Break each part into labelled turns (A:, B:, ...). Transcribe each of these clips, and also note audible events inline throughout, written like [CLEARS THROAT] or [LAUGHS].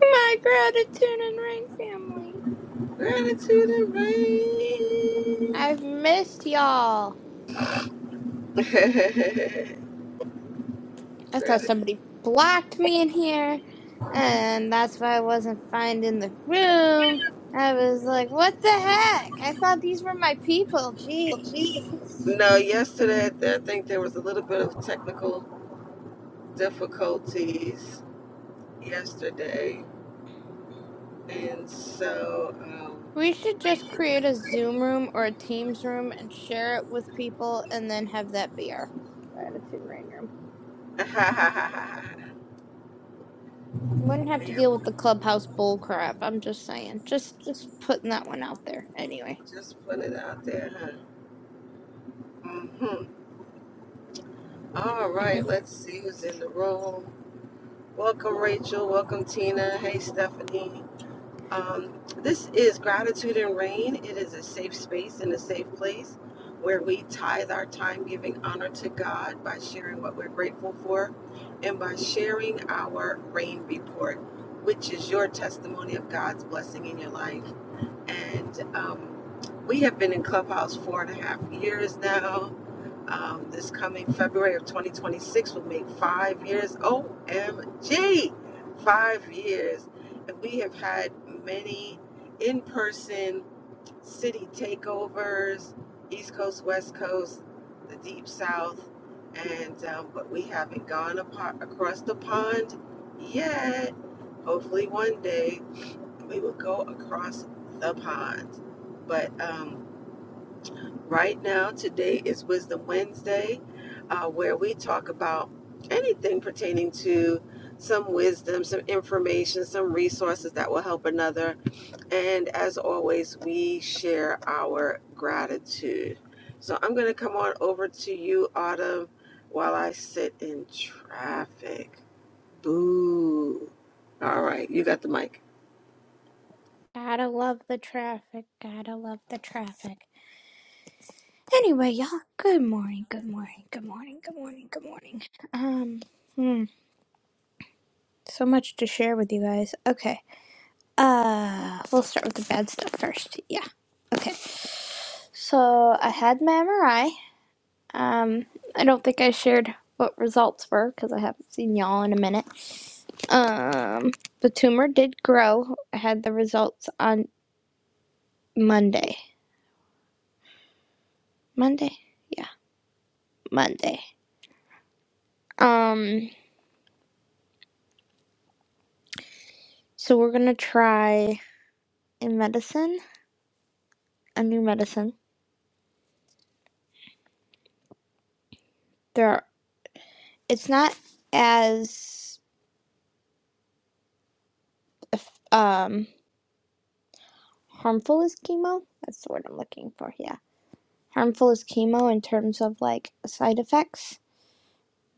A: My gratitude and rain family. I've missed y'all. I thought somebody blocked me in here, and that's why I wasn't finding the room. I was like, what the heck? I thought these were my people. Jeez. We should just create a Zoom room or a Teams room and share it with people and then have that be our gratitude and rain room. We wouldn't have to deal with the clubhouse bull crap. I'm just saying. Just just putting that one out there anyway. [LAUGHS] Gotta love the traffic. Gotta love the traffic. Anyway, y'all, good morning, good morning, good morning, good morning, good morning. Um, hmm, so much to share with you guys. Okay, uh, we'll start with the bad stuff first. Yeah, okay. So I had my MRI. Um, I don't think I shared what results were because I haven't seen y'all in a minute. Um, the tumor did grow. I had the results on Monday. Monday? Yeah, Monday. Um, so we're gonna try a medicine, a new medicine. There, are, it's not as um harmful as chemo. That's the word I'm looking for. Yeah, harmful as chemo in terms of like side effects,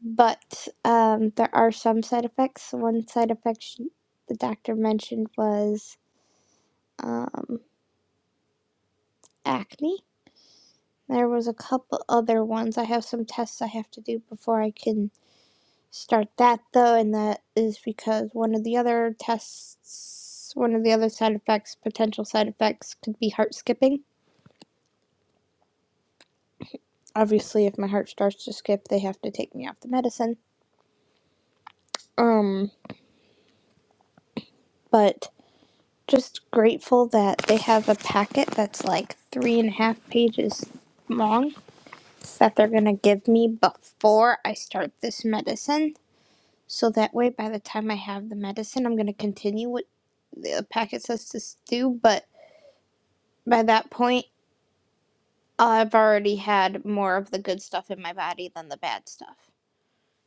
A: but um, there are some side effects. One side effect she, the doctor mentioned was um acne. There was a couple other ones. I have some tests I have to do before I can start that though, and that is because one of the other tests, one of the other side effects, potential side effects, could be heart skipping. Obviously, if my heart starts to skip, they have to take me off the medicine. Um, but just grateful that they have a packet that's like three and a half pages long that they're gonna give me before I start this medicine. So that way, by the time I have the medicine, I'm gonna continue what the packet says to do, but by that point I've already had more of the good stuff in my body than the bad stuff.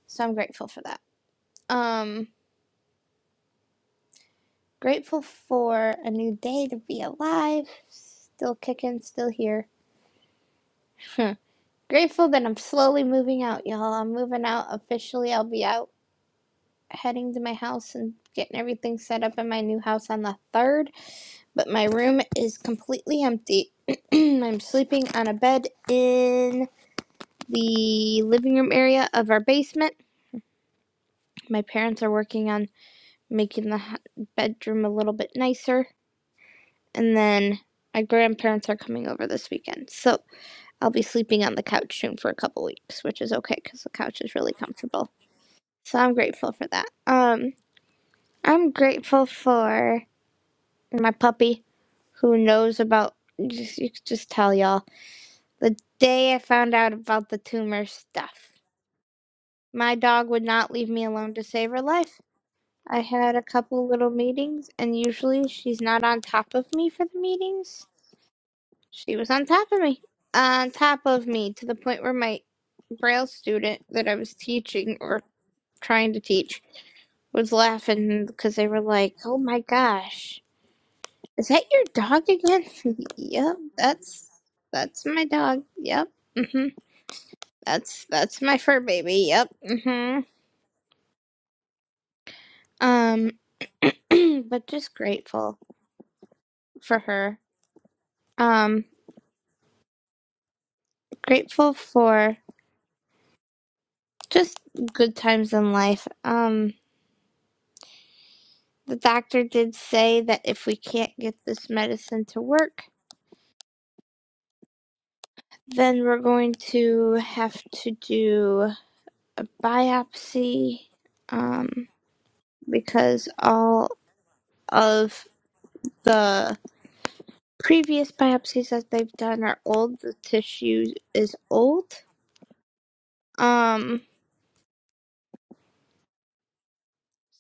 A: So I'm grateful for that. Um grateful for a new day to be alive. Still kicking, still here. [LAUGHS] grateful that I'm slowly moving out, y'all. I'm moving out officially. I'll be out heading to my house and getting everything set up in my new house on the 3rd, but my room is completely empty. [CLEARS THROAT] I'm sleeping on a bed in the living room area of our basement. My parents are working on making the bedroom a little bit nicer. And then my grandparents are coming over this weekend. So I'll be sleeping on the couch soon for a couple weeks, which is okay because the couch is really comfortable. So I'm grateful for that. Um, I'm grateful for my puppy who knows about, just, you could just tell y'all, the day I found out about the tumor stuff. My dog would not leave me alone to save her life. I had a couple little meetings, and usually she's not on top of me for the meetings She was on top of me, on top of me, to the point where my Braille student that I was teaching or trying to teach was laughing because they were like, "Oh my gosh, is that your dog again?" [LAUGHS] yep, that's that's my dog. Yep, hmm that's that's my fur baby. Yep, hmm um, [CLEARS THROAT] but just grateful for her. Um, grateful for just good times in life. Um The doctor did say that if we can't get this medicine to work, then we're going to have to do a biopsy um, because all of the previous biopsies that they've done are old. The tissue is old. Um,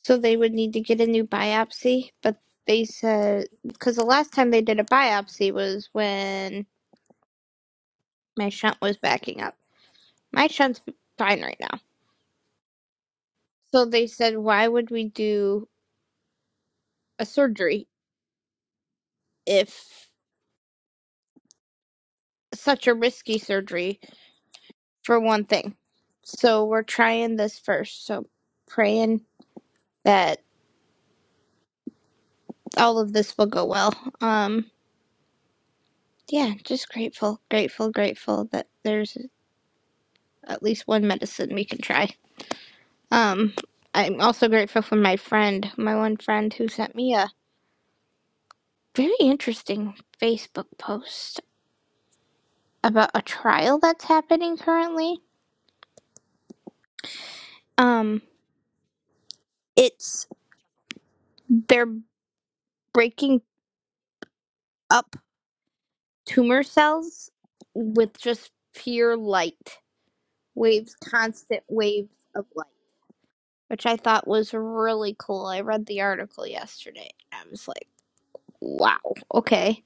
A: so they would need to get a new biopsy. But they said, because the last time they did a biopsy was when my shunt was backing up. My shunt's fine right now So they said, why would we do a surgery if such a risky surgery for one thing? So we're trying this first. So praying that all of this will go well. Um, yeah, just grateful, grateful, grateful that there's at least one medicine we can try. Um, I'm also grateful for my friend, my one friend who sent me a very interesting Facebook post about a trial that's happening currently. Um, it's. they're breaking up tumor cells with just pure light waves, constant waves of light, which I thought was really cool. I read the article yesterday. I was like, wow, okay.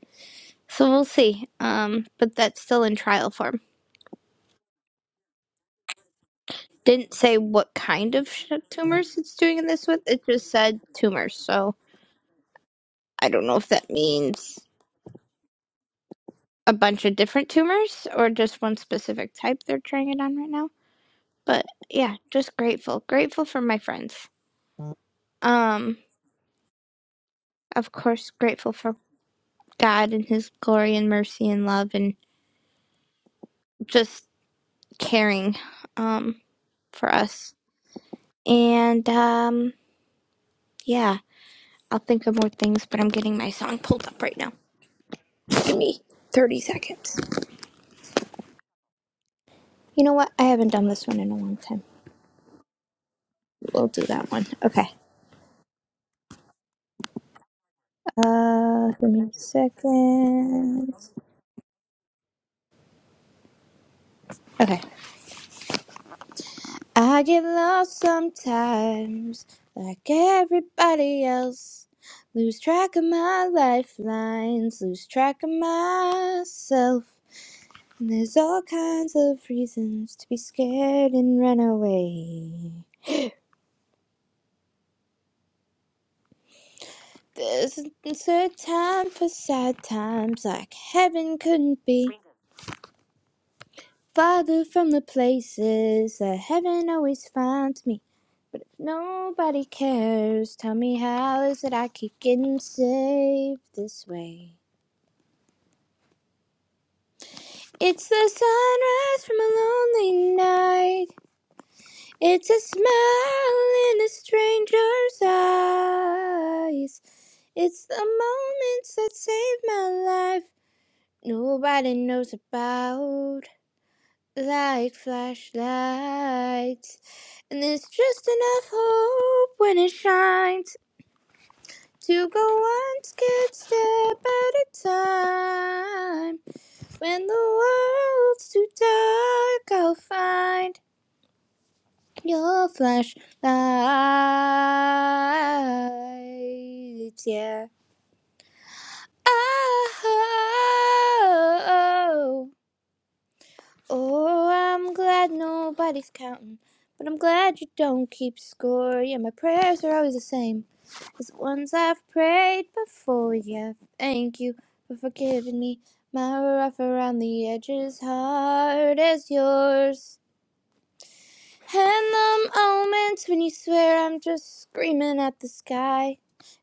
A: So we'll see. Um, but that's still in trial form. Didn't say what kind of sh- tumors it's doing this with. It just said tumors. So I don't know if that means a bunch of different tumors or just one specific type they're trying it on right now. But yeah, just grateful. Grateful for my friends. Um, of course, grateful for God and His glory and mercy and love and just caring um, for us. And um, yeah, I'll think of more things, but I'm getting my song pulled up right now. Give me 30 seconds. You know what? I haven't done this one in a long time. We'll do that one. Okay. Uh, give me a second. Okay. I get lost sometimes, like everybody else. Lose track of my lifelines, lose track of myself. And there's all kinds of reasons to be scared and run away. There's a time for sad times, like heaven couldn't be. Farther from the places that heaven always finds me. But if nobody cares, tell me how is it I keep getting saved this way? It's the sunrise from a lonely night. It's a smile in a stranger's eyes. It's the moments that save my life. Nobody knows about like flashlights. And there's just enough hope when it shines. To go one good step at a time. When the world's too dark, I'll find your flashlight. Yeah. Oh, Oh, I'm glad nobody's counting, but I'm glad you don't keep score. Yeah, my prayers are always the same as the ones I've prayed before. Yeah, thank you for forgiving me. My rough around the edges, hard as yours. And the moments when you swear I'm just screaming at the sky.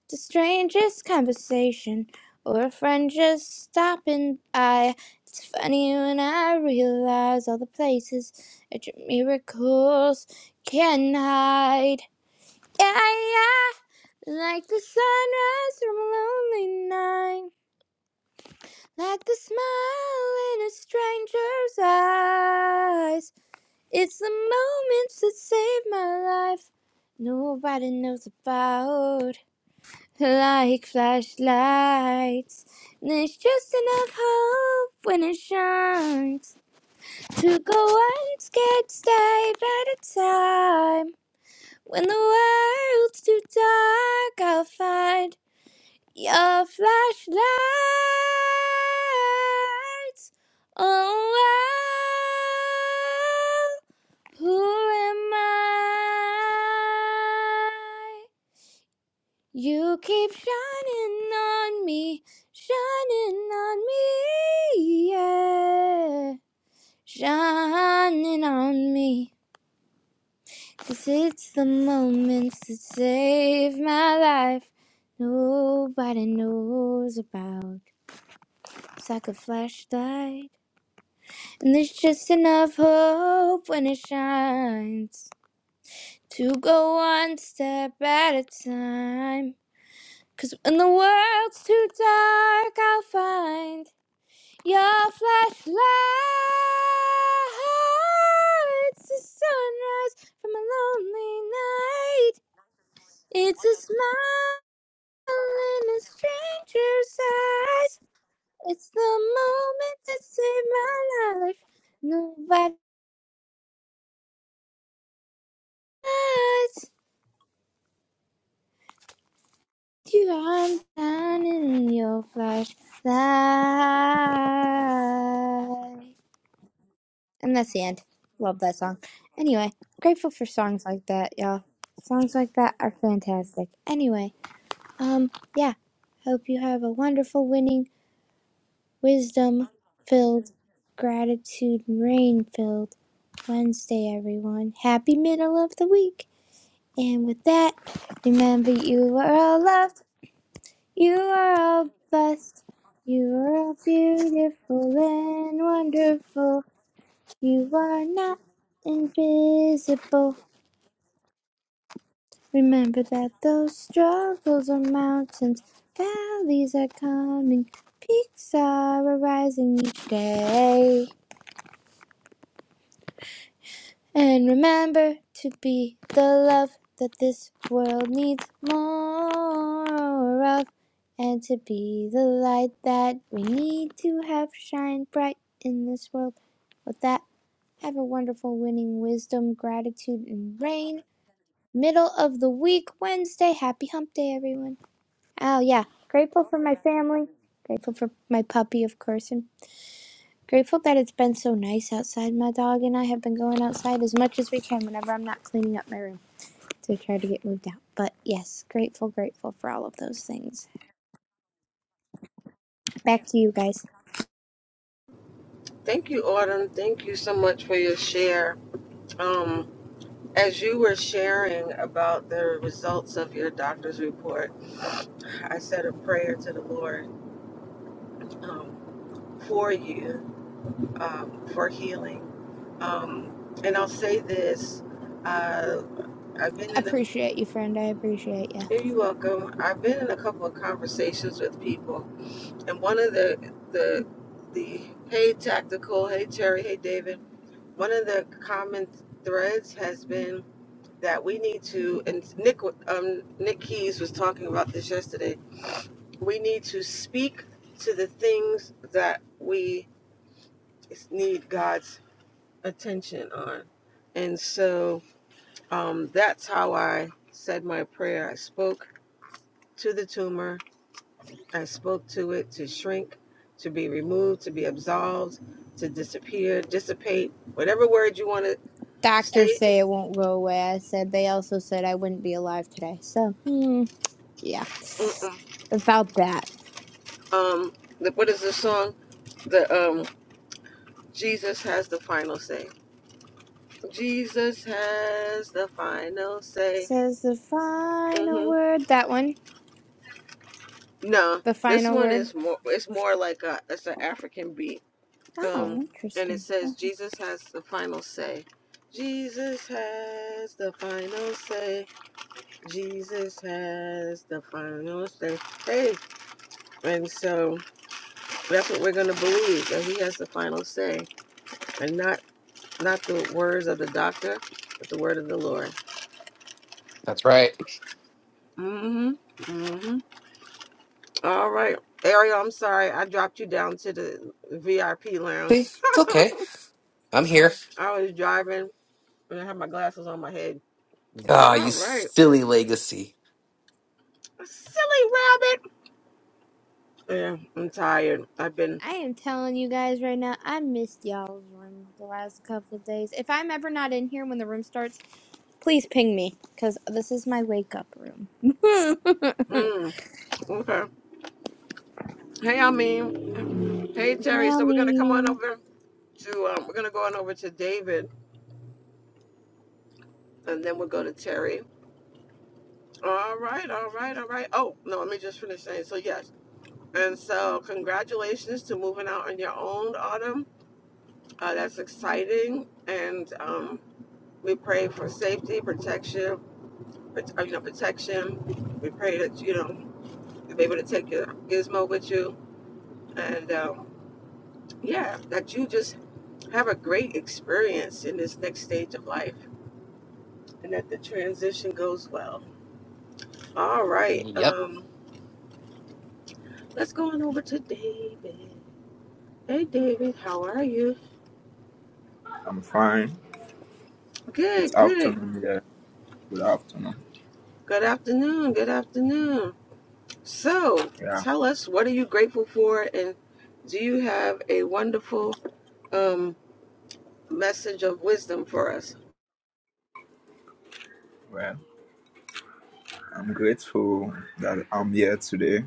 A: The strangest conversation or a friend just stopping by. It's funny when I realize all the places that your miracles can hide. Yeah, yeah, like the sunrise from a lonely night, like the smile in a stranger's eyes. It's the moments that save my life. Nobody knows about like flashlights. And there's just enough hope when it shines to go one scared step at a time. When the world's too dark, I'll find your flashlights. Oh, wow. who am I? You keep shining on me, shining on me, yeah. Shining on me. 'Cause it's the moments that save my life. Nobody knows about. It's like a flashlight. And there's just enough hope when it shines to go one step at a time. 'Cause when the world's too dark, I'll find Your flashlight's a sunrise from a lonely night. It's a smile in a stranger's eyes. It's the moment that saved my life. Nobody else. you. I'm down in your flashlight. And that's the end. Love that song. Anyway, grateful for songs like that, y'all. Songs like that are fantastic. Anyway, um, yeah. Hope you have a wonderful, winning, wisdom filled, gratitude rain filled Wednesday, everyone. Happy middle of the week. And with that, remember you are all loved, you are all blessed, you are all beautiful and wonderful, you are not invisible. Remember that those struggles are mountains, valleys are coming, peaks are arising each day. And remember to be the love that this world needs more of, and to be the light that we need to have shine bright in this world. With that, have a wonderful winning wisdom, gratitude, and rain. Middle of the week, Wednesday. Happy hump day, everyone. Oh, yeah. Grateful for my family. Grateful for my puppy, of course. And grateful that it's been so nice outside. My dog and I have been going outside as much as we can whenever I'm not cleaning up my room to try to get moved out. But yes, grateful, grateful for all of those things. Back to you guys. Appreciate you, friend. I appreciate you. Doctors say it won't go away. I said they also said I wouldn't be alive today. So, hmm, yeah, about that. Says the final word. That one. The final word. Oh, interesting. Okay.
B: That's right. See, it's okay. I'm here. Ah, you silly legacy.
A: I am telling you guys right now, I missed y'all's room the last couple of days. If I'm ever not in here when the room starts, please ping me, because this is my wake up room. [LAUGHS] Hi, Almi.
B: Yep.
C: I'm fine. It's afternoon here. Good afternoon. Yeah. Well, I'm grateful that I'm here today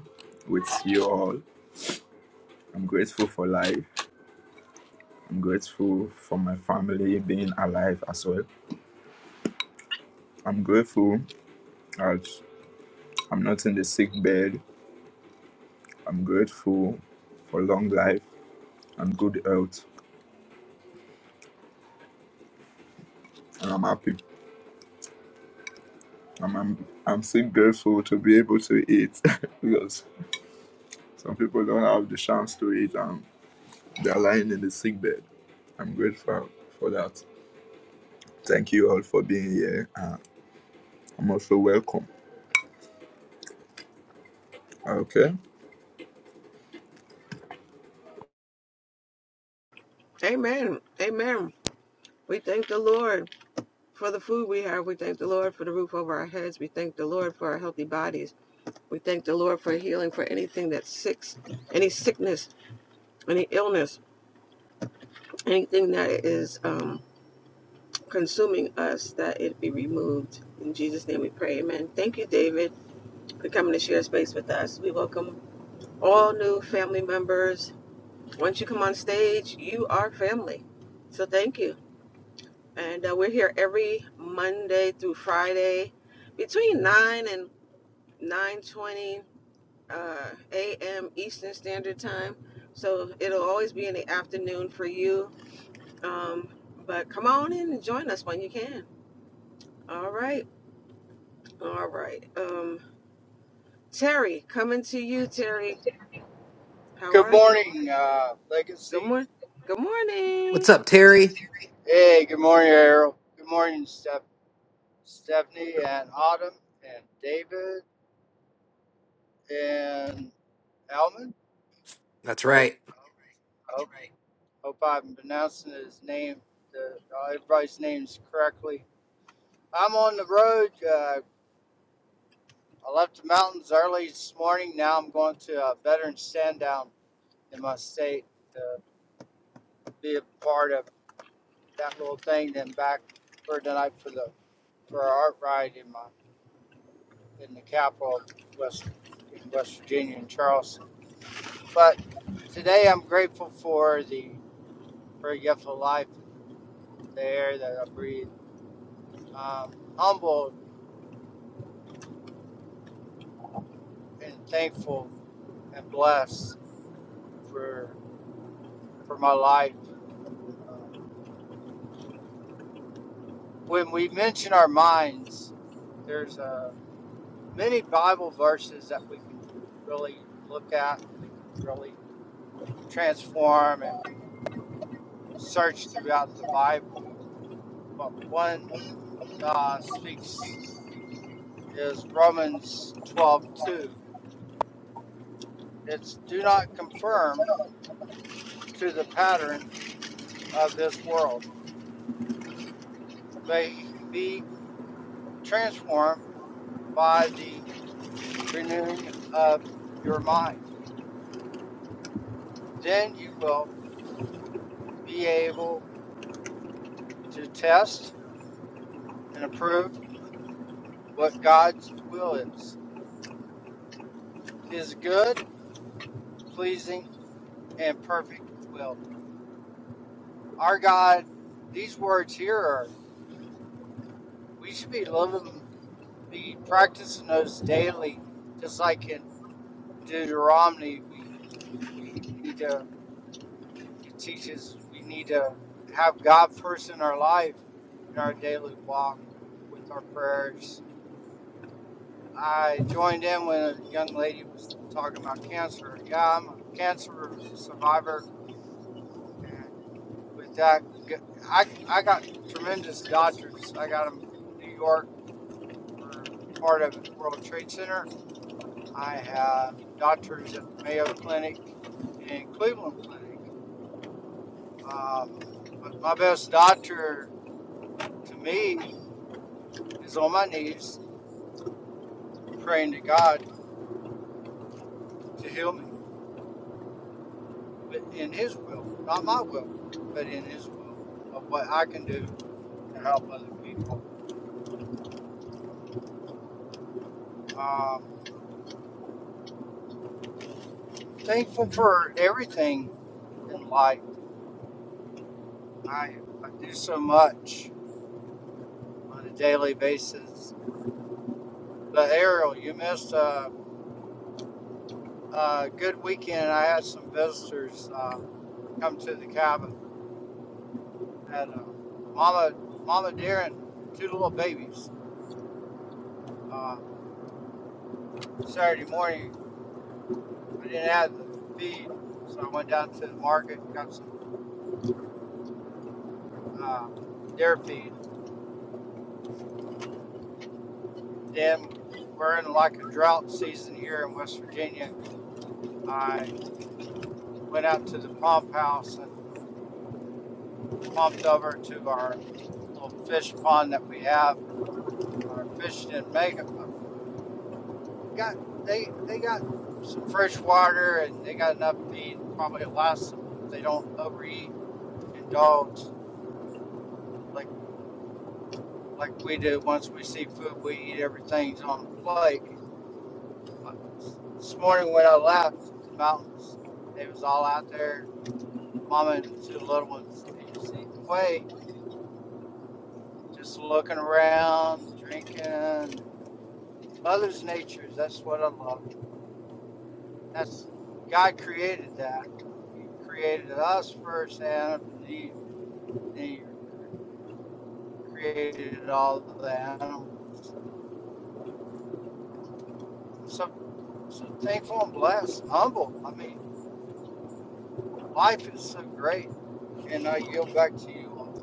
C: with you all. I'm grateful for life. I'm grateful for my family being alive as well. I'm grateful that I'm not in the sick bed. I'm grateful for long life and good health. And I'm happy. I'm, I'm, I'm still grateful to be able to eat [LAUGHS] because some people don't have the chance to eat and they're lying in the sick bed. I'm grateful for that. Thank you all for being here. Uh, I'm also welcome. Okay.
D: Good morning, uh, Legacy.
B: What's up, Terry?
D: Hey, good morning, Errol. Good morning, Steph- Stephanie and Autumn and David and Alman.
B: That's
D: Hope,
B: right.
D: hope, hope I'm pronouncing his name, the, uh, everybody's names correctly. I'm on the road. Uh, I left the mountains early this morning. Now I'm going to a veteran stand down in my state to be a part of that little thing. Then back for tonight for the for our art ride in my in the capital west in West Virginia in Charleston. But today I'm grateful for the for a gift of life, the air that I breathe. Um, humbled and thankful and blessed for for my life. Uh, when we mention our minds, there's uh, many Bible verses that we can really look at. We can really transform and we can search throughout the Bible. But one uh, speaks is Romans 12 2. It's do not conform to the pattern of this world, but be transformed by the renewing of your mind. Then you will be able to test and approve what God's will is his good, pleasing, and perfect will. Our God, these words here are we should be living be practicing those daily, just like in Deuteronomy, we we need to it teaches we need to have God first in our life in our daily walk with our prayers. I joined in when a young lady was talking about cancer. Yeah, I'm a cancer survivor, and with that, I I got tremendous doctors. I got them in New York for part of the World Trade Center I have doctors at the Mayo Clinic and Cleveland Clinic. Uh, but my best doctor to me is on my knees praying to God to heal me in His will, not my will, but in His will of what I can do to help other people. Uh, I'm thankful for everything in life. I, I do so much on a daily basis. The aerial, you missed. Uh, Uh, good weekend. I had some visitors uh, come to the cabin. I Had a mama, mama deer, and two little babies. Uh, Saturday morning, I didn't have the feed, so I went down to the market and got some uh, deer feed. Then we're in like a drought season here in West Virginia. I went out to the pump house and pumped over to our little fish pond that we have. Our fish didn't make it, but got they they got some fresh water and they got enough feed probably to last them if they don't overeat, indulge like like we do. Once we see food, we eat everything's on a plate. Like, This morning when I left the mountains, they was all out there, mama and two little ones. They just eating away, just looking around, drinking. Mother's nature's that's what I love. That's God created that. He created us first, Adam and Eve. He created all the animals. I'm so so thankful and blessed, humble. I mean, life is so great, and I yield back to you. all.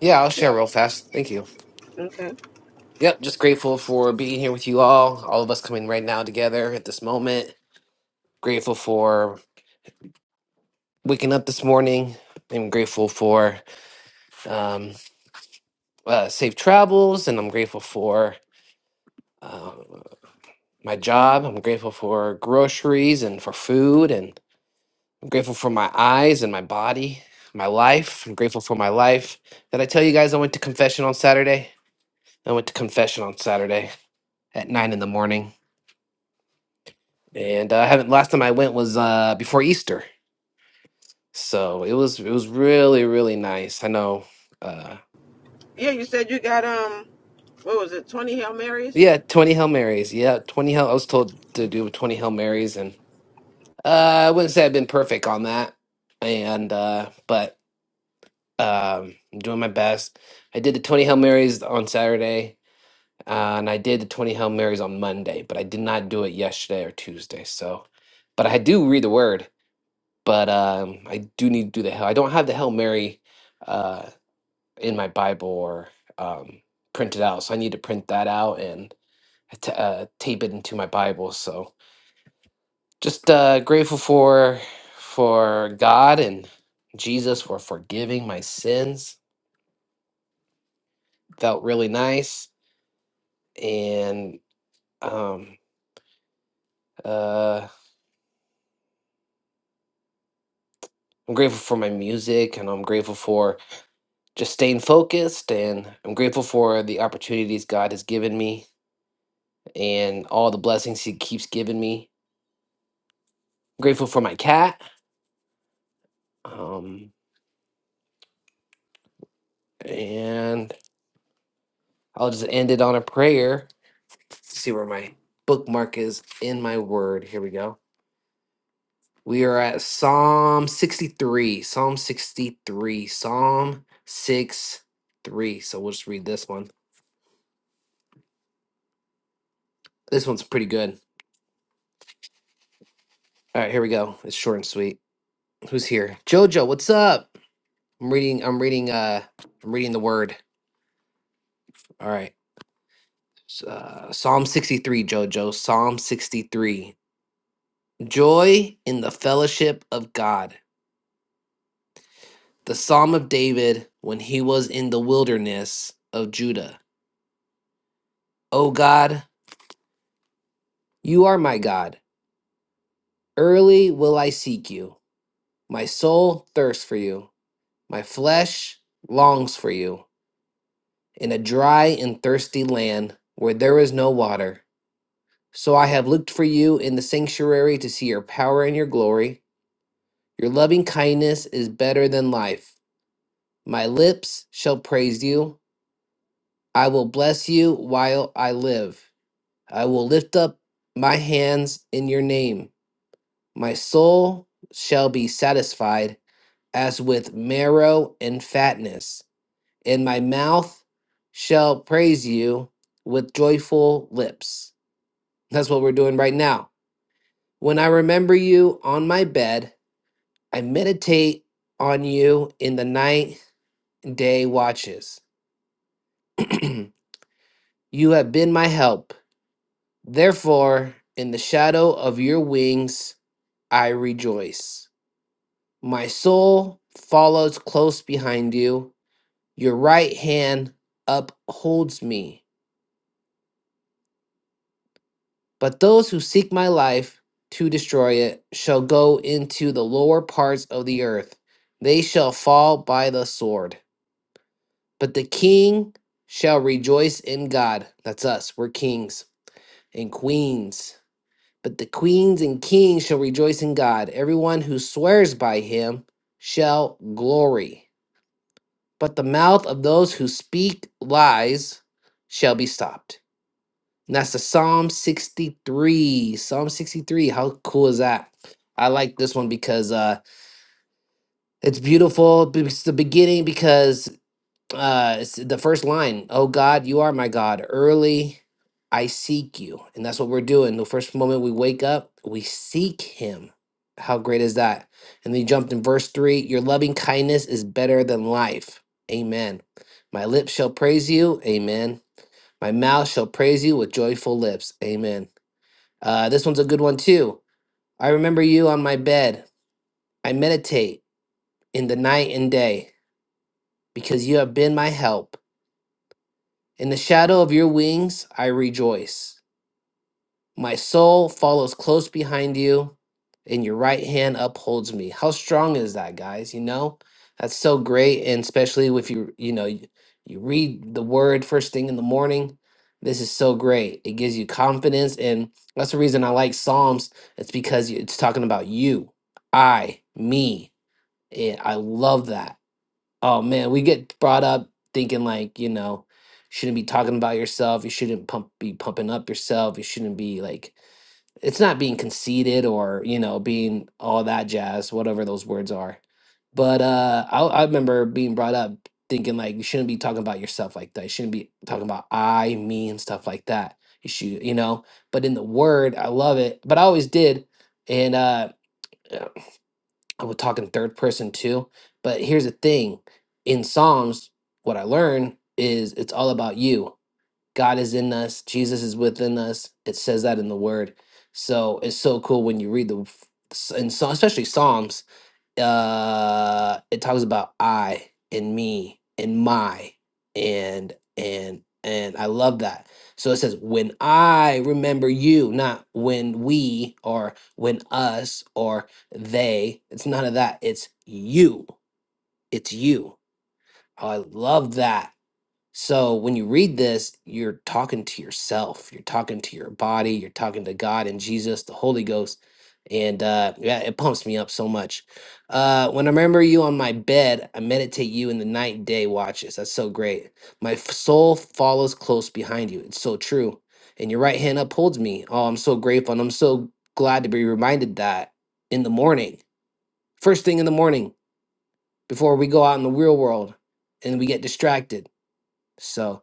B: Yeah, I'll share real fast. Thank you. Yep, just grateful for being here with you all, all of us coming right now together at this moment. Grateful for waking up this morning. I'm grateful for um, uh, safe travels, and I'm grateful for uh, my job. I'm grateful for groceries and for food, and. I'm grateful for my eyes and my body, my life. I'm grateful for my life. Did I tell you guys I went to confession on Saturday? I went to confession on Saturday at nine in the morning, and uh, I haven't. Last time I went was uh, before Easter, so it was it was really really nice. I know. Uh, yeah, twenty hail marys. Yeah, twenty hail. I was told to do twenty hail marys, and uh, I wouldn't say I've been perfect on that, and uh, but um, I'm doing my best. I did the twenty hail marys on Saturday Uh, and I did the 20 Hail Marys on Monday, but I did not do it yesterday or Tuesday. So, but I do read the word, but um, I do need to do the Hail. I don't have the Hail Mary uh, in my Bible or um, printed out. So I need to print that out and uh, t- uh, tape it into my Bible. So just uh, grateful for for God and Jesus for forgiving my sins. Felt really nice. And um, uh, I'm grateful for my music and I'm grateful for just staying focused and I'm grateful for the opportunities God has given me and all the blessings he keeps giving me. I'm grateful for my cat. Um and I'll just end it on a prayer. Let's see where my bookmark is in my word. Here we go. We are at Psalm 63. Psalm 63. Psalm 6 3. So we'll just read this one. This one's pretty good. All right, here we go. It's short and sweet. who's here? Jojo, what's up? I'm reading. I'm reading. Uh, I'm reading the word. All right. S- Uh, Psalm 63, Jojo. Psalm 63. Joy in the fellowship of God. The Psalm of David when he was in the wilderness of Judah. O God, you are my God. Early will I seek you. My soul thirsts for you. My flesh longs for you in a dry and thirsty land where there is no water. So I have looked for you in the sanctuary to see your power and your glory. Your loving kindness is better than life. My lips shall praise you. I will bless you while I live. I will lift up my hands in your name. My soul shall be satisfied as with marrow and fatness, and my mouth shall praise you with joyful lips. That's what we're doing right now. When I remember you on my bed, I meditate on you in the night and day watches. [CLEARS THROAT] you have been my help. Therefore, in the shadow of your wings, I rejoice. My soul follows close behind you. Your right hand upholds me. But those who seek my life to destroy it shall go into the lower parts of the earth. They shall fall by the sword. But the king shall rejoice in God. That's us. We're kings and queens. But the queens and kings shall rejoice in God. Everyone who swears by him shall glory. But the mouth of those who speak lies shall be stopped. And that's the Psalm 63. Psalm 63. How cool is that? I like this one because uh it's beautiful. It's the beginning because uh it's the first line oh god you are my god early i seek you and that's what we're doing the first moment we wake up we seek him how great is that and then you jumped in verse 3 your loving kindness is better than life amen my lips shall praise you amen my mouth shall praise you with joyful lips amen uh this one's a good one too i remember you on my bed i meditate in the night and day because you have been my help In the shadow of your wings, I rejoice. My soul follows close behind you, and your right hand upholds me. How strong is that, guys? You know, that's so great. And especially if you, you know, you, you read the word first thing in the morning, this is so great. It gives you confidence. And that's the reason I like Psalms. It's because you- it's talking about you, I, me. And I love that oh man, we get brought up thinking like, you know, shouldn't be talking about yourself, you shouldn't pump be pumping up yourself, you shouldn't be like it's not being conceited or, you know, being all that jazz, whatever those words are. But uh I, I remember being brought up thinking like you shouldn't be talking about yourself like that. You shouldn't be talking about I, me and stuff like that. You should, you know, but in the word, I love it. But I always did. And uh I would talk in third person too. But here's the thing in Psalms, what I learned is it's all about you. God is in us, Jesus is within us. It says that in the word. So it's so cool when you read the, and so, especially Psalms uh it talks about i and me and my and and and i love that so it says when i remember you not when we or when us or they it's none of that it's you it's you Oh, i love that so when you read this, you're talking to yourself, you're talking to your body, you're talking to God and Jesus, the Holy Ghost. And uh, yeah, it pumps me up so much. Uh, when I remember you on my bed, I meditate you in the night and day watches. That's so great. My f- soul follows close behind you. It's so true. And your right hand upholds me. Oh, I'm so grateful. And I'm so glad to be reminded that in the morning, first thing in the morning, before we go out in the real world and we get distracted. So,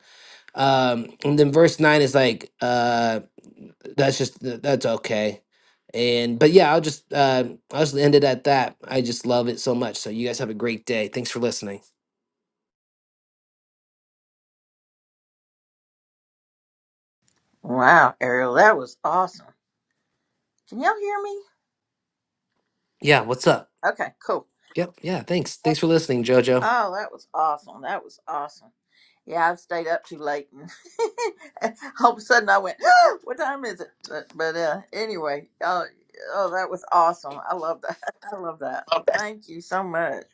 B: um, and then verse nine is like, uh, that's just that's okay. And but yeah, I'll just uh, I'll just end it at that. I just love it so much. So you guys have a great day. Thanks for listening.
E: Wow, Ariel, that was awesome. Can y'all hear me?
B: Yeah, what's up?
E: Okay, cool.
B: Yep. Yeah. Thanks. Thanks for listening, Jojo.
E: Oh, that was awesome. That was awesome. Yeah, I've stayed up too late, and [LAUGHS] all of a sudden I went, [GASPS] "Ah, "What time is it?" But, but uh, anyway, oh, oh, that was awesome. I love that. [LAUGHS] I love that.
B: Okay.
E: Thank you so much.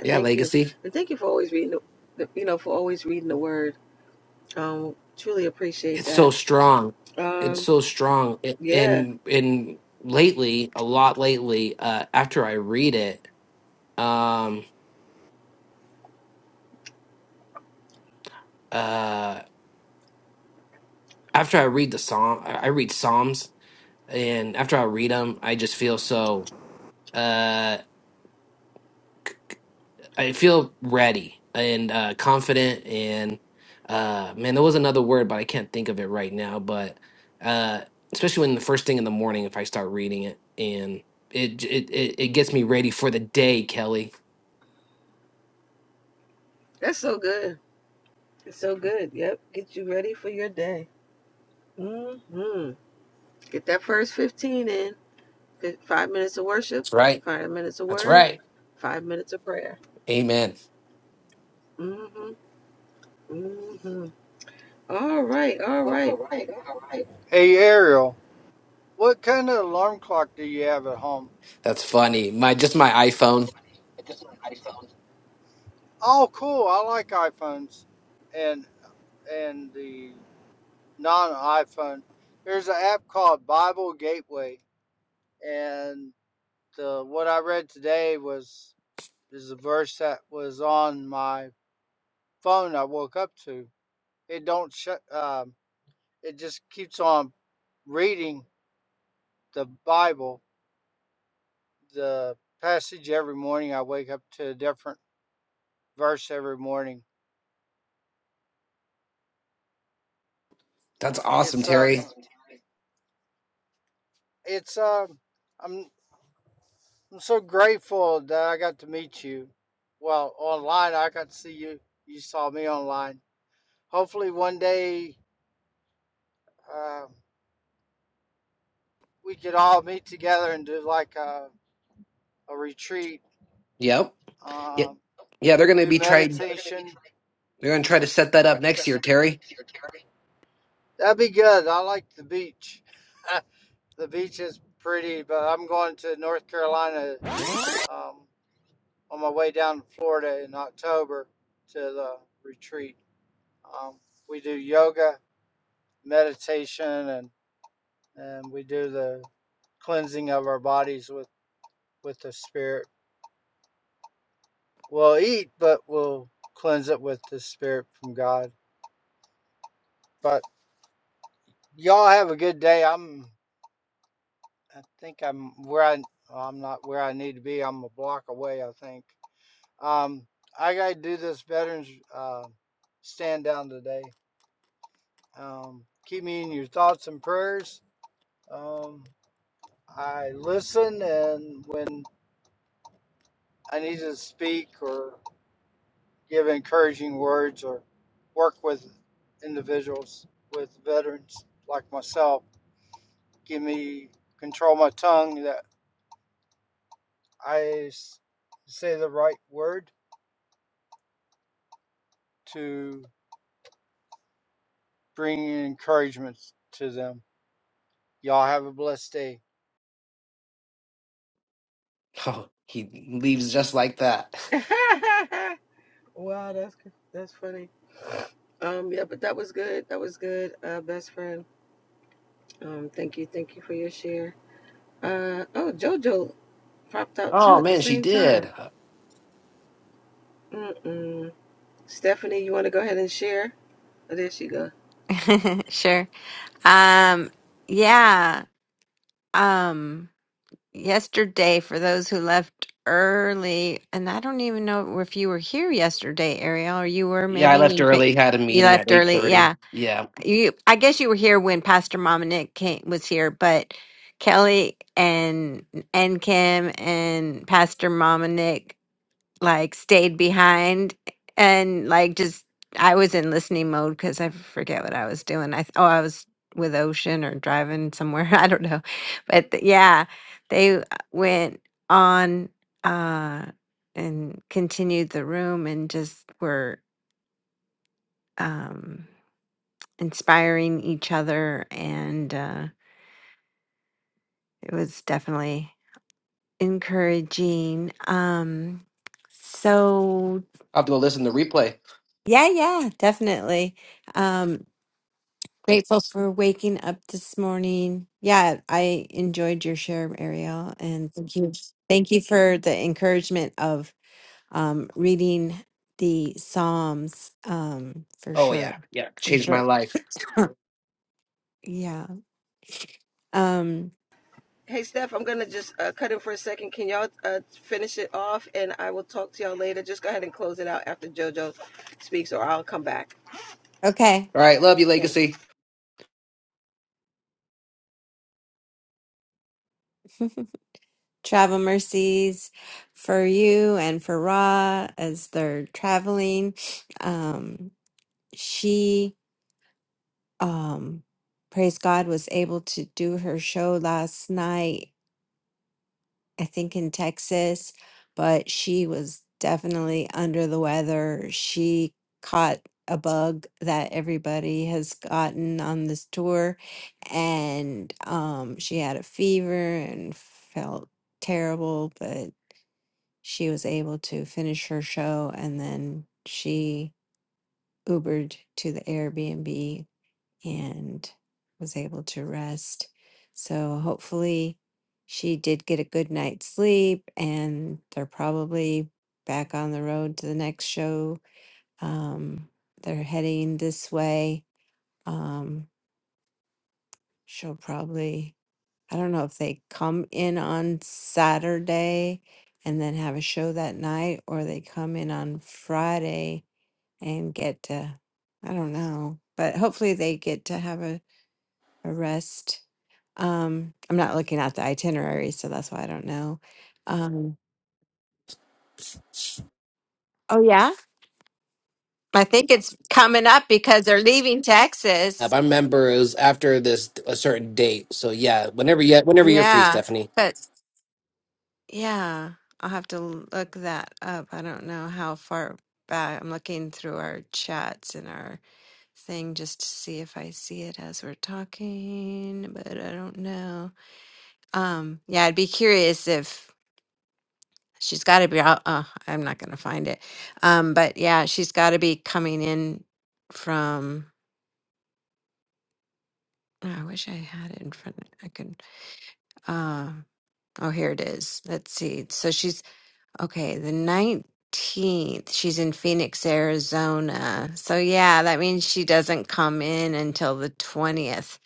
B: Yeah, legacy. It's so strong. It's so strong. A- And and lately, a lot lately, uh after I read it, um uh after I read the psalm I I read Psalms and after I read them, I just feel so uh I feel ready and uh confident and uh man, there was another word, but I can't think of it right now. But uh especially when the first thing in the morning, if I start reading it, and it j- it it, it gets me ready for the day, Kelly. That's right. That's right. Amen.
D: Hey Ariel, what kind of alarm clock do you have at home?
B: That's funny. My just my iPhone.
D: Oh, cool. I like iPhones, and and the non-iPhone. There's an app called Bible Gateway, and the what I read today was is a verse that was on my phone. I woke up to it. Don't shut. Um, it just keeps on reading the Bible, the passage every morning. I wake up to a different verse every morning.
B: That's awesome,
D: It's uh,
B: Terry.
D: it's uh, I'm I'm so grateful that I got to meet you. Well, online I got to see you. You saw me online. Hopefully one day. Um, we could all meet together and do like a, a retreat,
B: Yep. Yeah,
D: um,
B: yeah they're gonna
D: do
B: be trying
D: meditation.
B: they're gonna try to set that up next year, Terry. [LAUGHS]
D: That'd be good. I like the beach. [LAUGHS] the beach is pretty, but I'm going to North Carolina um, on my way down to Florida in October to the retreat. Um, we do yoga, meditation, and and we do the cleansing of our bodies with with the spirit. We'll eat, but we'll cleanse it with the spirit from God. But Y'all have a good day. I'm, I think I'm where I, well, I'm not where I need to be. I'm a block away, I think. Um, I gotta do this veterans uh, stand down today. Um, keep me in your thoughts and prayers. Um, I listen, and when I need to speak or give encouraging words or work with individuals with veterans like myself, give me control my tongue. That. I s- say the right word to bring encouragement to them. Y'all have a blessed day.
B: Oh, he leaves just like that. Oh man, she did.
F: [LAUGHS] Sure. Um, yeah. Um, yesterday, for those who left early, and I don't even know if you were here yesterday, Ariel, or you were
B: Yeah, I
F: maybe
B: left
F: in Ba-
B: early, had a
F: you
B: meeting
F: left
B: at eight
F: early. Yeah.
B: thirty. Yeah.
F: You I guess you were here when Pastor Mom and Nick came was here, but Kelly and and Kim and Pastor Mom and Nick like stayed behind and like just I was in listening mode because I forget what I was doing. I th- oh I was with Ocean or driving somewhere [LAUGHS] I don't know, but th- yeah, they uh, went on uh, and continued the room and just were um, inspiring each other and uh, it was definitely encouraging. Um, so
B: I'll have to go listen to the replay.
F: yeah, yeah, definitely. Um, Grateful for waking up this morning. Yeah, I enjoyed your share, Ariel, and thank you. Thank you for the encouragement of um, reading the Psalms um, for
B: Oh yeah,
F: sure.
B: yeah,
F: For
B: changed my
F: sure.
B: life.
F: [LAUGHS] yeah. Um, okay.
B: All right, love you, Legacy.
F: [LAUGHS] Travel mercies for you and for Ra as they're traveling. Um, she, um, praise God, was able to do her show last night I think in Texas, but she was definitely under the weather. She caught a bug that everybody has gotten on this tour, and um, she had a fever and felt terrible, but she was able to finish her show and then she Ubered to the Airbnb and was able to rest. So hopefully she did get a good night's sleep and they're probably back on the road to the next show. Um, they're heading this way. Um, she'll probably, I don't know if they come in on Saturday and then have a show that night or they come in on Friday and get to, I don't know, but hopefully they get to have a, a rest Um, I'm not looking at the itinerary, so that's why I don't know. Um, oh yeah, I think it's coming up because they're leaving
B: Uh,
F: Texas.
B: but I remember it was after this a certain date. So yeah, whenever you whenever you're free,
F: Yeah,
B: Stephanie.
F: but yeah, I'll have to look that up. I don't know how far back. I'm looking through our chats and our thing just to see if I see it as we're talking, but I don't know. Um, yeah, I'd be curious if. She's got to be out. Uh, I'm not going to find it. Um, but yeah, she's got to be coming in from. oh, I wish I had it in front. I could. Uh, oh, here it is. Let's see. So she's okay. The 19th. She's in Phoenix, Arizona. So yeah, that means she doesn't come in until the 20th.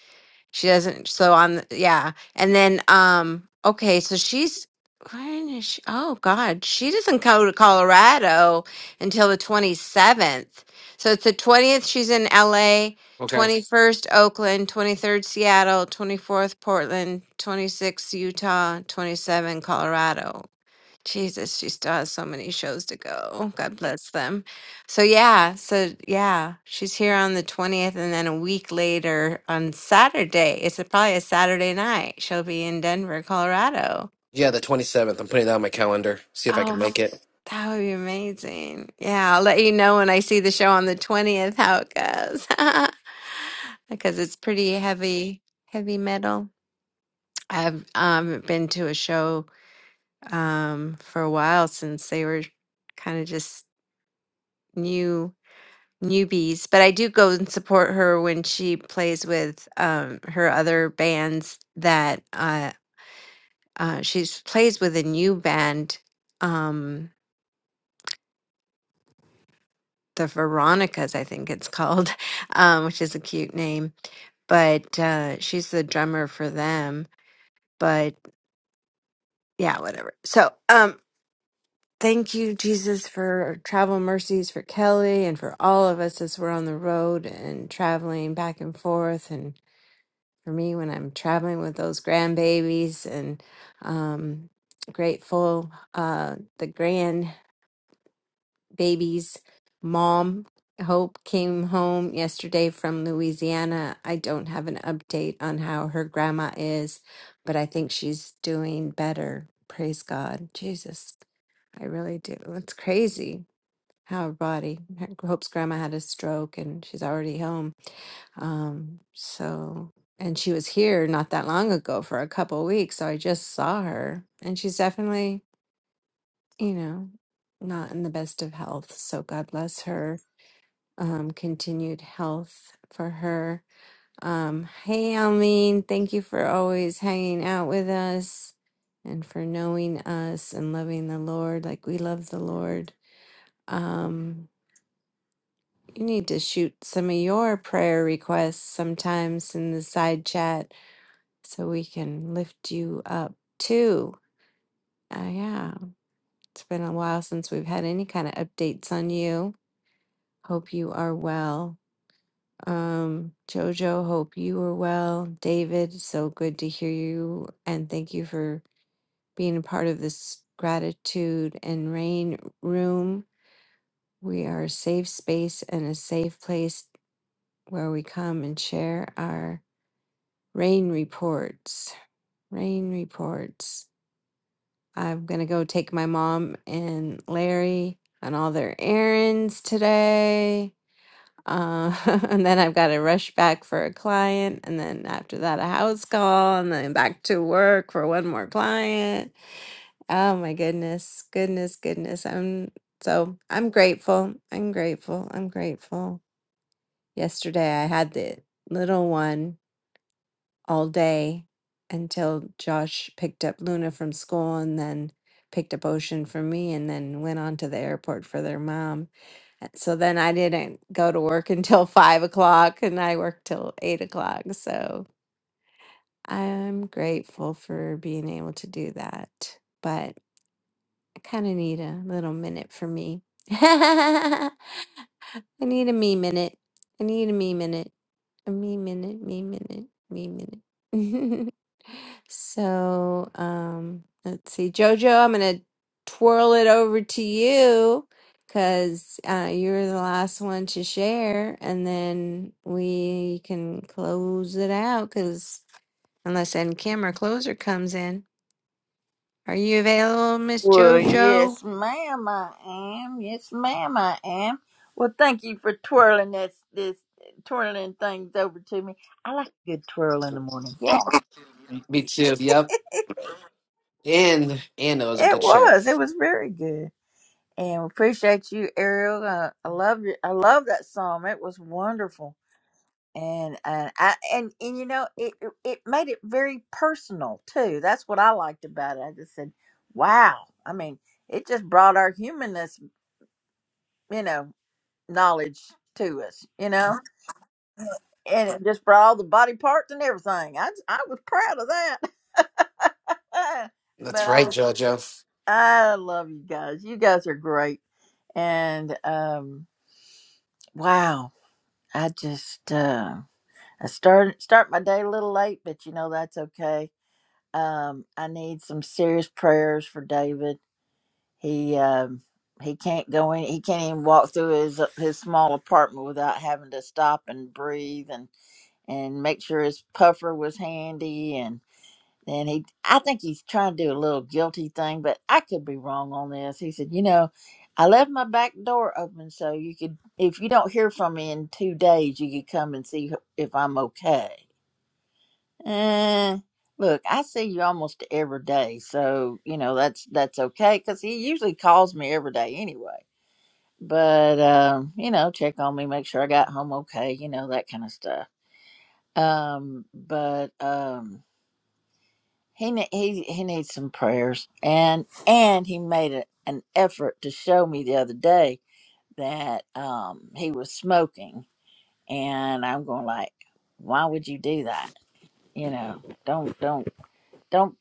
F: She doesn't. So on, the, yeah, and then um, okay, so she's when is she? Oh God, she doesn't go to Colorado until the twenty seventh. So it's the twentieth. She's in L.A.
B: Okay.
F: Twenty first, Oakland. Twenty third, Seattle. Twenty fourth, Portland. Twenty sixth, Utah. Twenty seven, Colorado. Jesus, she still has so many shows to go. God bless them. So yeah, so yeah, she's here on the 20th and then a week later on Saturday. It's a, probably a Saturday night. She'll be in Denver, Colorado.
B: Yeah, the twenty seventh. I'm putting that on my calendar. See if I
F: Oh,
B: can
F: f-
B: make it.
F: that would be amazing. Yeah, I'll let you know when I see the show on the 20th how it goes. [LAUGHS] Because it's pretty heavy, heavy metal. I've um been to a show um for a while since they were kind of just new newbies, but I do go and support her when she plays with um, her other bands that uh, uh, she plays with a new band, um, the Veronicas, I think it's called, [LAUGHS] um, which is a cute name. But uh, she's the drummer for them. But yeah, whatever. So um, thank you, Jesus, for travel mercies for Kelly and for all of us as we're on the road and traveling back and forth and for me when I'm traveling with those grandbabies and um, grateful uh, the grandbaby's mom Hope came home yesterday from Louisiana. I don't have an update on how her grandma is, but I think she's doing better. Praise God. Jesus. I really do. It's crazy how her body. Her, Hope's grandma had a stroke and she's already home. Um, so, and she was here not that long ago for a couple weeks. So I just saw her and she's definitely, you know, not in the best of health. So God bless her. Um, continued health for her. Um, hey, Almeen, thank you for always hanging out with us and for knowing us and loving the Lord like we love the Lord. Um, You need to shoot some of your prayer requests sometimes in the side chat so we can lift you up too. Uh, yeah, it's been a while since we've had any kind of updates on you. Hope you are well. Um, Jojo, hope you are well. David, so good to hear you. And thank you for being a part of this gratitude and rain room. We are a safe space and a safe place where we come and share our Rain reports. Rain reports. I'm going to go take my mom and Larry on all their errands today. Uh, [LAUGHS] and then I've got to rush back for a client. And then after that, a house call. And then back to work for one more client. Oh my goodness. Goodness, goodness. I'm so I'm grateful. I'm grateful. I'm grateful. Yesterday, I had the little one all day until Josh picked up Luna from school and then picked up Ocean from me and then went on to the airport for their mom. Uh, So then I didn't go to work [LAUGHS] until five o'clock and I worked till eight o'clock. So I'm grateful for being able to do that. But I kind of need a little minute for me. [LAUGHS] I need a me minute. I need a me minute. A me minute, me minute, me minute. [LAUGHS] so, um, let's see. Jojo, I'm going to twirl it over to you because uh, you're the last one to share. And then we can close it out because unless end camera closer comes in. Are you available, Miss
E: Well,
F: Jojo?
E: yes, ma'am, I am. Yes, ma'am, I am. Well, thank you for twirling this this twirling things over to me. I like a good twirl in the morning. Yeah.
B: Me too. Yep. And and it was a
E: It
B: good share.
E: was. It was very good. And appreciate you, Ariel. Uh, I love you. I love that song. It was wonderful. And and I and, and you know it it it made it very personal too. That's what I liked about it. I just said, "Wow!" I mean, it just brought our humanness, you know, knowledge to us, you know, and it just brought all the body parts and everything. I I was proud of that. [LAUGHS]
B: That's
E: but
B: right,
E: I
B: JoJo.
E: I love you guys. You guys are great. And um wow, I just uh I start start my day a little late, but you know that's okay. Um I need some serious prayers for David. He um he can't go in. He can't even walk through his his small apartment without having to stop and breathe and and make sure his puffer was handy and. And he, I think he's trying to do a little guilty thing, but I could be wrong on this. He said, You know, I left my back door open so you could, if you don't hear from me in two days, you could come and see if I'm okay. Uh, look, I see you almost every day, so you know that's that's okay because he usually calls me every day anyway. But um, you know, check on me, make sure I got home okay, you know that kind of stuff. Um, but um, He ne- he he needs some prayers, and and he made a, an effort to show me the other day that um he was smoking, and I'm going like, why would you do that? You know, don't don't don't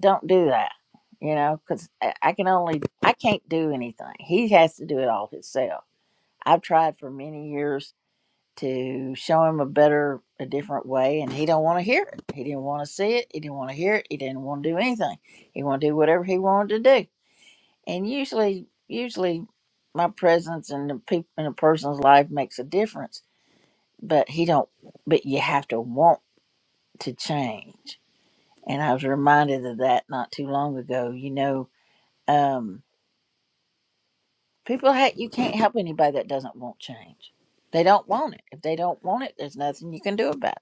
E: don't do that. You know, because I, I can only I can't do anything. He has to do it all himself. I've tried for many years to show him a better a different way and he don't want to hear it he didn't want to see it he didn't want to hear it he didn't want to do anything he want to do whatever he wanted to do and usually usually my presence in the people in a person's life makes a difference but he don't but you have to want to change and i was reminded of that not too long ago you know um people ha- you can't help anybody that doesn't want change they don't want it if they don't want it there's nothing you can do about it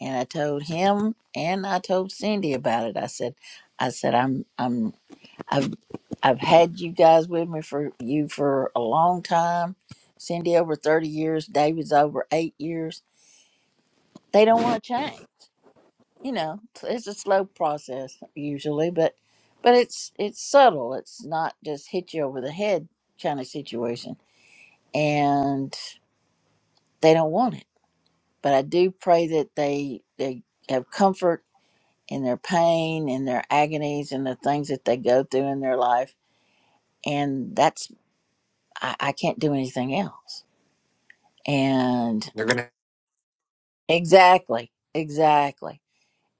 E: and I told him and I told Cindy about it. I said, I said I'm I'm I've I've had you guys with me for you for a long time. Cindy over thirty years, David's over eight years. They don't want to change. You know, so it's a slow process usually, but but it's it's subtle. It's not just hit you over the head kind of situation, and they don't want it. But I do pray that they they have comfort in their pain in their agonies and the things that they go through in their life. And that's, I, I can't do anything else. And
B: They're gonna
E: exactly, exactly.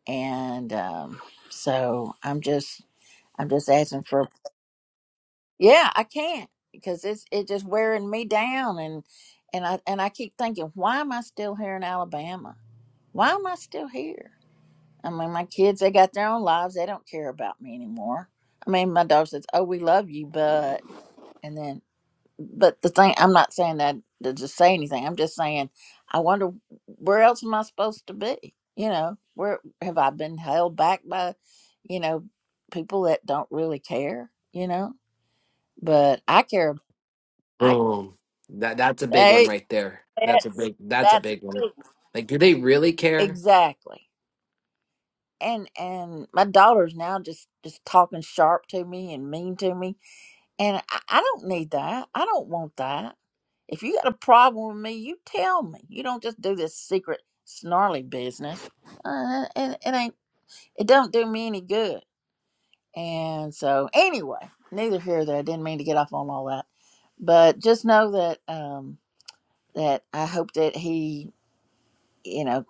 E: And um, so I'm just, I'm just asking for, yeah, I can't because it's, it's just wearing me down. And, and I, and I keep thinking, why am I still here in Alabama? Why am I still here? I mean, my kids, they got their own lives. They don't care about me anymore. I mean, my daughter says, "Oh, we love you, but." and then but the thing i'm not saying that to just say anything i'm just saying i wonder where else am i supposed to be you know where have i been held back by you know people that don't really care you know but i care i
B: Boom. That that's a big one
E: hey
B: right there. That's a
E: that's
B: big that's a
E: that's
B: big one.
E: it.
B: Like, do they really care?
E: exactly and and my daughter's now just just talking sharp to me and mean to me And I, I don't need that. I don't want that. If you got a problem with me, you tell me. You don't just do this secret snarly business. Uh, and it, it ain't. It don't do me any good. And so, anyway, neither here nor there. I didn't mean to get off on all that, but just know that um, that I hope that he, you know,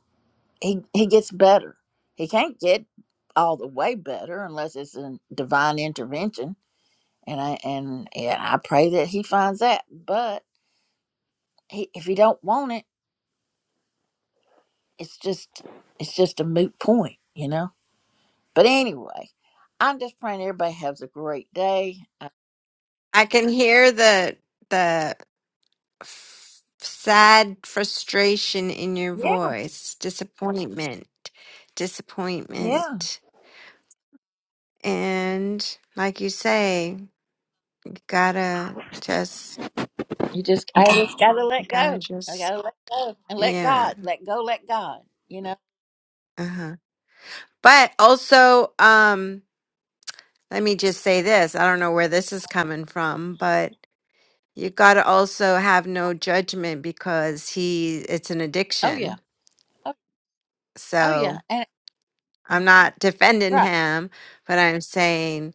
E: he he gets better. He can't get all the way better unless it's a divine intervention. And I and and I pray that he finds that. But he, if he don't want it, it's just it's just a moot point, you know. But anyway, I'm just praying everybody has a great day. Uh,
F: I can hear the the f- sad frustration in your
E: yeah,
F: voice, disappointment,
E: yeah.
F: disappointment. And like you say, you gotta just,
E: You just I just gotta
F: you
E: let
F: gotta
E: go. I
F: just,
E: gotta let go and let
F: yeah.
E: God, let go, let God. You know.
F: Uh-huh. But also, um, let me just say this. I don't know where this is coming from, but you gotta also have no judgment because he, it's an
E: Oh yeah.
F: addiction.
E: Oh, oh yeah.
F: So
E: And
F: I'm not defending
E: right.
F: him, but I'm saying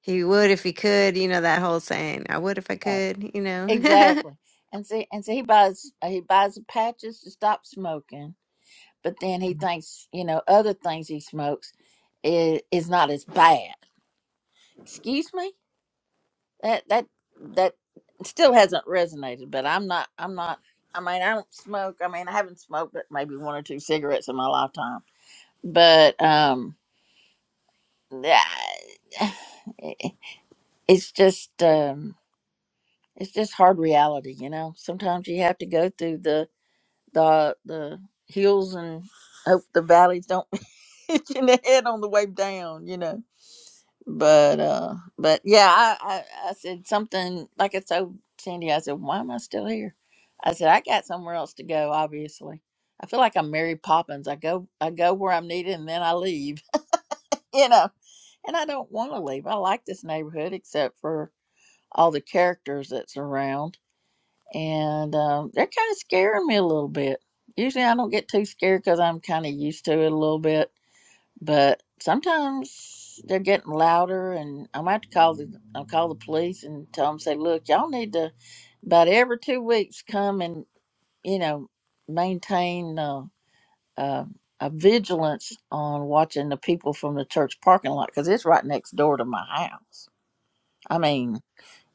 F: He would if he could, you know, that whole saying, I would if I
E: right.
F: could, you know. [LAUGHS]
E: Exactly. And see, and see, he buys he buys the patches to stop smoking, but then he thinks you know other things he smokes is is not as bad. Excuse me That that that still hasn't resonated, but I'm not I'm not I mean, I don't smoke. I mean, I haven't smoked but maybe one or two cigarettes in my lifetime. But um yeah, eh, it's just um it's just hard reality, you know. Sometimes you have to go through the the the hills and hope the valleys don't [LAUGHS] hit you in the head on the way down, you know. but uh but yeah I, I i said something like i told sandy i said why am i still here i said i got somewhere else to go obviously i feel like i'm mary poppins i go i go where i'm needed and then i leave [LAUGHS] you know and i don't want to leave i like this neighborhood except for all the characters that's around and um, they're kind of scaring me a little bit usually i don't get too scared because i'm kind of used to it a little bit but sometimes they're getting louder and i might have to call the i'll call the police and tell them say look y'all need to about every two weeks come and you know maintain uh, uh, a vigilance on watching the people from the church parking lot because it's right next door to my house i mean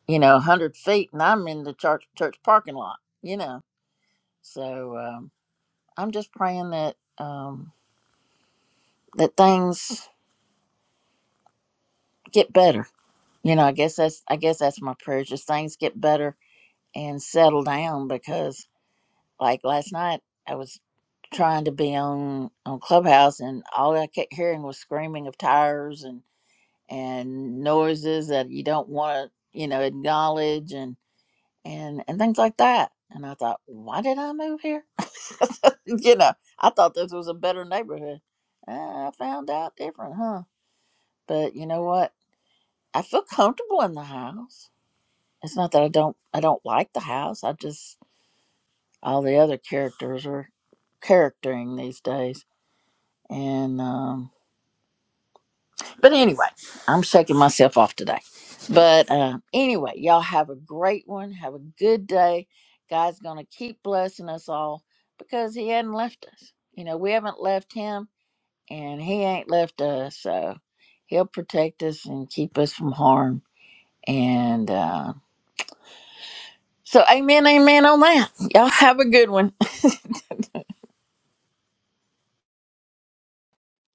E: you know 100 feet and i'm in the church church parking lot you know so um, i'm just praying that um, that things get better you know i guess that's i guess that's my prayer just things get better and settle down because like last night i was trying to be on on clubhouse and all i kept hearing was screaming of tires and and noises that you don't want to you know acknowledge and and and things like that and i thought why did i move here [LAUGHS] you know i thought this was a better neighborhood Uh, i found out different huh but you know what i feel comfortable in the house it's not that I don't I don't like the house. I just all the other characters are charactering these days. And um but anyway, I'm shaking myself off today. But um anyway, y'all have a great one. Have a good day. God's gonna keep blessing us all because he hadn't left us. You know, we haven't left him and he ain't left us. So he'll protect us and keep us from harm. And uh, so amen, amen on that. Y'all have a good one.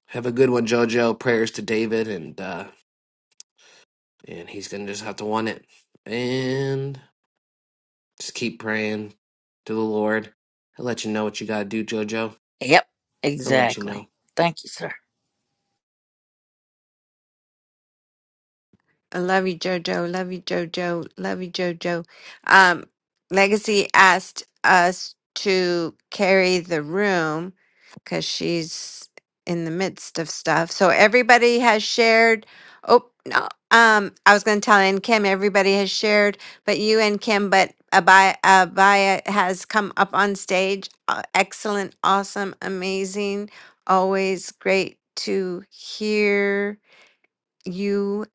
B: Have a good one, Jojo. Prayers to David, and uh and he's gonna just have to want it. And Just keep praying to the Lord. He'll let you know what you gotta do, Jojo.
E: Yep,
B: He'll let you know.
E: exactly. Thank you, sir.
F: I love you, Jojo. Love you, Jojo. Love you, Jojo. Um, Legacy asked us to carry the room because she's in the midst of stuff. So everybody has shared. Oh, no. Um, I was going to tell Ann Kim everybody has shared, but you and Kim, but Abaya, Abaya has come up on stage. Uh, excellent, awesome, amazing. Always great to hear you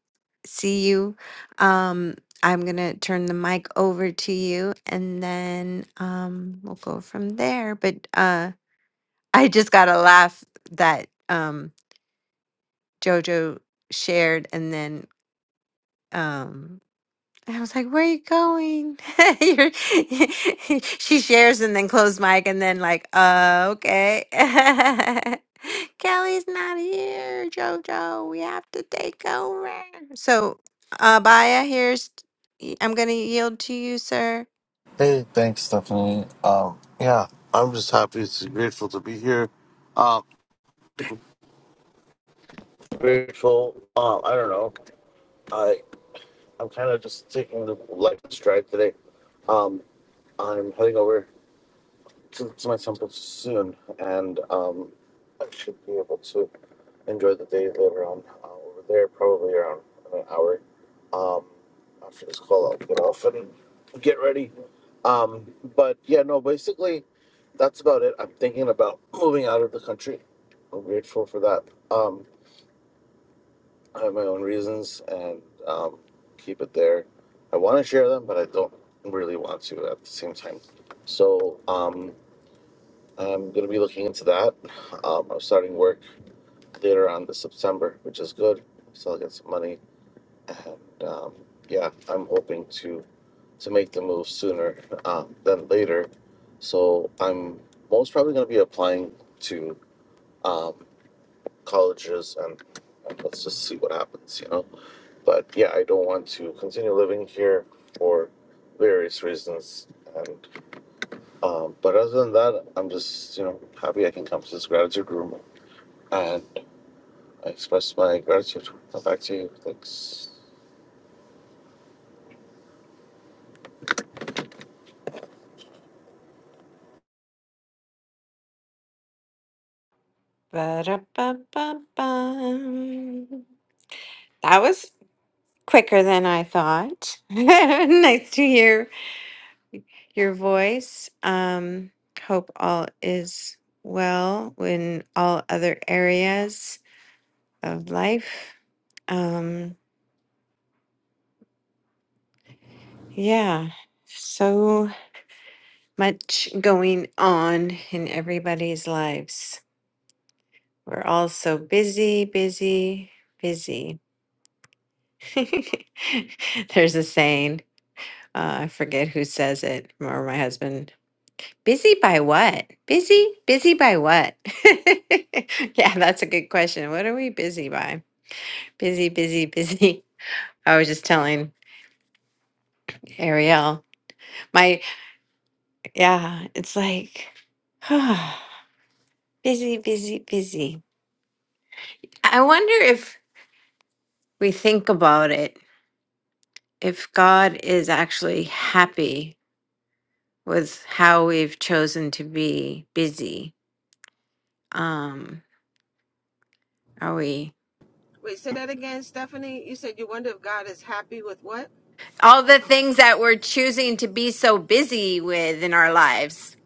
F: see you. Um, I'm gonna turn the mic over to you, and then um, we'll go from there. But uh, [LAUGHS] I just got a laugh that um, JoJo shared, and then um, I was like, "Where are you going?" [LAUGHS] You're, [LAUGHS] she shares and then closed mic and then like, "Uh, okay." [LAUGHS] Kelly's not here, Jojo. We have to take over. So, uh, Baya, here's I'm gonna yield to you, sir.
G: Hey, thanks, Stephanie. Um, yeah, I'm just happy, it's grateful to be here. Um, grateful. Um, I don't know. I I'm kind of just taking the life in stride today. Um, I'm heading over. to, to my temple soon, and um, I should be able to enjoy the day later on uh, over there, probably around an hour. Um, after this call, I'll get off and get ready. Um, but yeah, no, basically, that's about it. I'm thinking about moving out of the country. I'm grateful for that. Um, I have my own reasons and um, keep it there. I want to share them, but I don't really want to at the same time. So, um, I'm going to be looking into that. Um, I'm starting work later on this September, which is good. So I'll get some money, and um, yeah, I'm hoping to to make the move sooner um, than later. So I'm most probably going to be applying to um, colleges, and, and let's just see what happens, you know. But yeah, I don't want to continue living here for various reasons, and um, but other than that, I'm just you know happy I can come to this gratitude room and I express my gratitude. Now back to you. Thanks.
F: Ba-da-ba-ba-bum. That was quicker than I thought. [LAUGHS] nice to hear your voice. Um, hope all is well in all other areas of life. Um, yeah, so much going on in everybody's lives. We're all so busy, busy, busy. [LAUGHS] There's a saying, uh, I forget who says it, or my husband Busy by what? Busy? Busy by what? [LAUGHS] yeah, that's a good question. What are we busy by? Busy, busy, busy. [LAUGHS] I was just telling Ariel, my, yeah, it's like [SIGHS] busy, busy, busy. I wonder if we think about it, if God is actually happy with how we've chosen to be busy. Um, are we? all the things that we're choosing to be so busy with in our lives.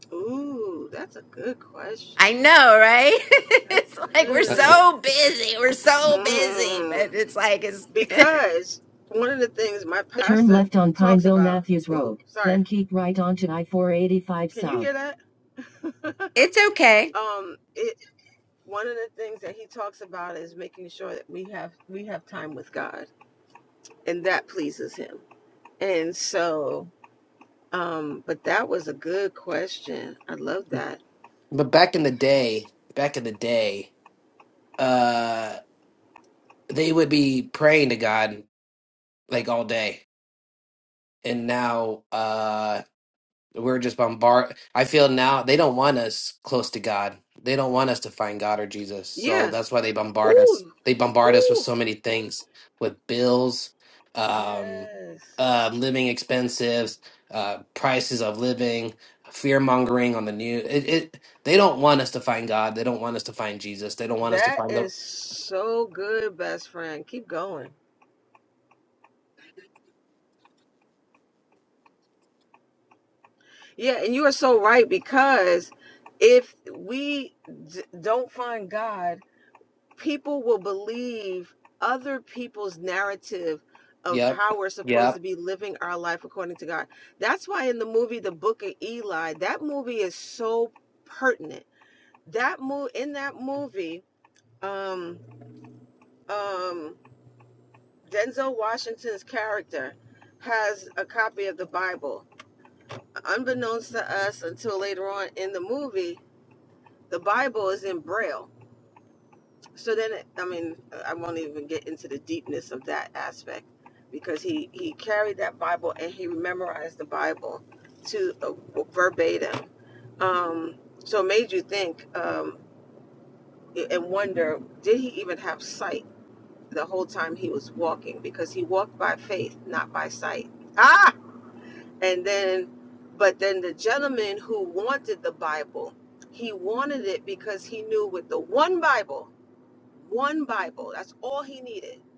F: I know, right? [LAUGHS] it's like we're
B: But
F: so busy, we're so busy, but it's like it's [LAUGHS]
H: Turn left on Pineville Matthews Road, then keep right onto I-485 Can you South. You
F: it's okay.
B: but back in the day, back in the day, uh, they would be praying to God like all day, and now, uh. We're just bombard. I feel now they don't want us close to God. They don't want us to find God or Jesus. So that's why they bombard us. They bombard us with so many things, with bills, um, uh, living expenses, uh, prices of living, fear mongering on the news. It, it. They don't want us to find God. They don't want us to find Jesus. They don't want us to find the. Yep. Yep.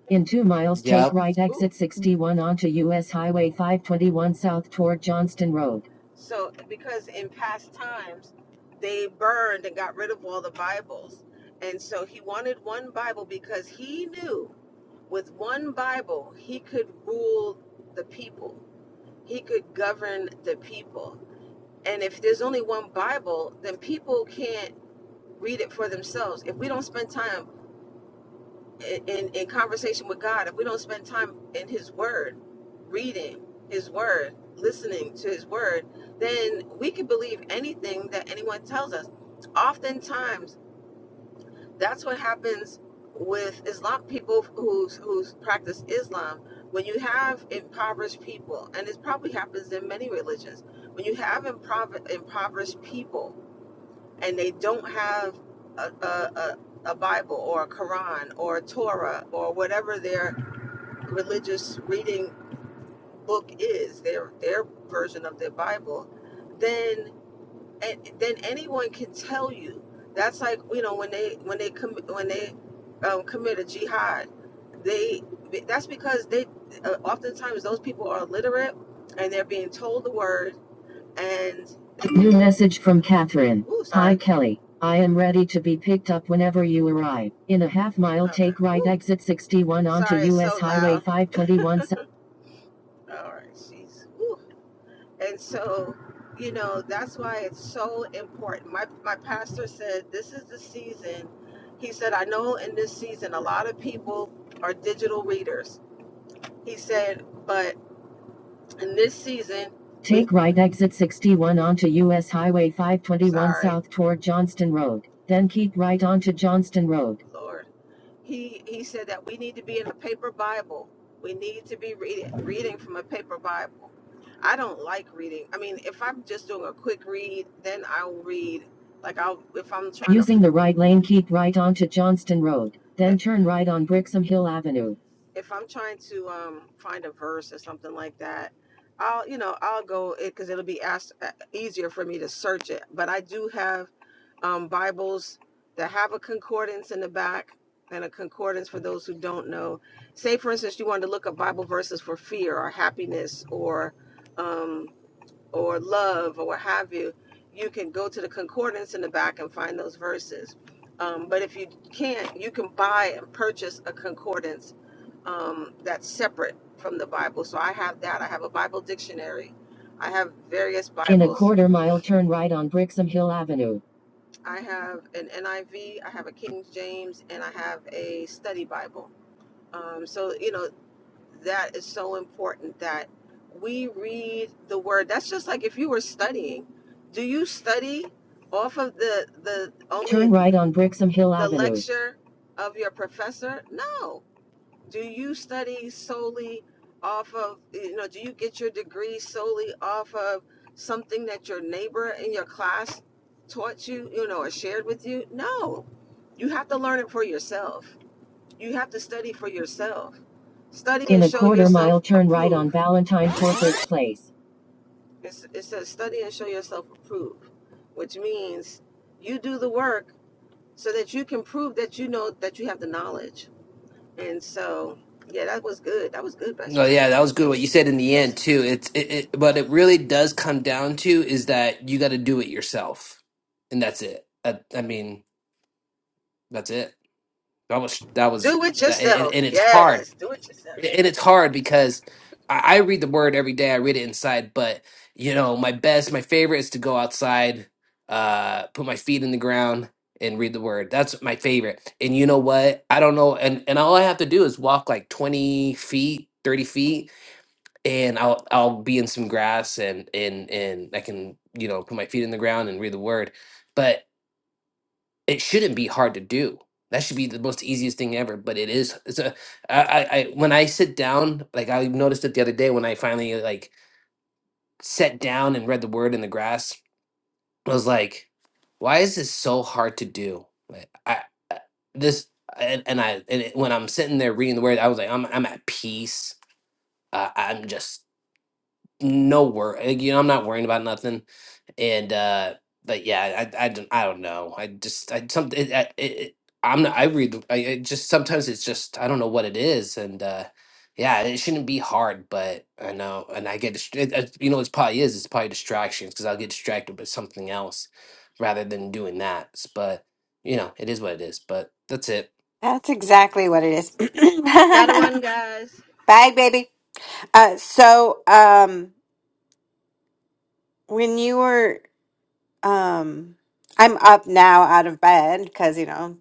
H: In two miles,
B: Yep.
H: take right Ooh, exit Ooh. 61 onto US Highway 521 south toward Johnston Road. New message from Catherine. Hi Kelly, I am ready to be picked up whenever you arrive. In a half mile, take right exit 61 onto US Highway 521 [LAUGHS] south. Take right exit 61 onto US Highway 521 south toward Johnston Road. Then keep right onto Johnston Road. Using to... the right lane, keep right onto Johnston Road, then turn right on Brixham Hill Avenue. Bibles. In a quarter mile, turn right on Brixham Hill Avenue. Turn right on Brixham Hill Avenue. the In a quarter mile, turn right on Valentine Corporate Place.
B: No, yeah, that was good. What you said in the end too. It's it, it but it really does come down to is that you got to do it yourself, and that's it. I, I mean, that's it. That was that was that, and, and it's hard, and it's hard because I, I read the word every day. I read it inside, but you know, my best, my favorite is to go outside, uh, put my feet in the ground and read the word. That's my favorite. And you know what? I don't know, and and all I have to do is walk like twenty feet, thirty feet and I'll I'll be in some grass and and and I can you know put my feet in the ground and read the word, but it shouldn't be hard to do. That should be the most easiest thing ever. But it is. It's a I I, I when I sit down, like I noticed it the other day when I finally like sat down and read the word in the grass. I was like, why is this so hard to do? Like I I- this and, and I and it, when I'm sitting there reading the word, I was like, I'm I'm at peace. Uh, I'm just no worry. You know, I'm not worrying about nothing and uh but yeah i i don't, I don't know i just i some it, I- it, it i'm not i read I, I just sometimes it's just i don't know what it is and uh yeah it shouldn't be hard but i know and i get dist- it, it- you know it's probably is it's probably distractions because i'll get distracted by something else rather than doing that S- but you know it is what it is but that's it
F: That's exactly what it is. [CLEARS THROAT] [LAUGHS] Bye, baby. Uh, so, um, when you were, um, I'm up now out of bed because, you know,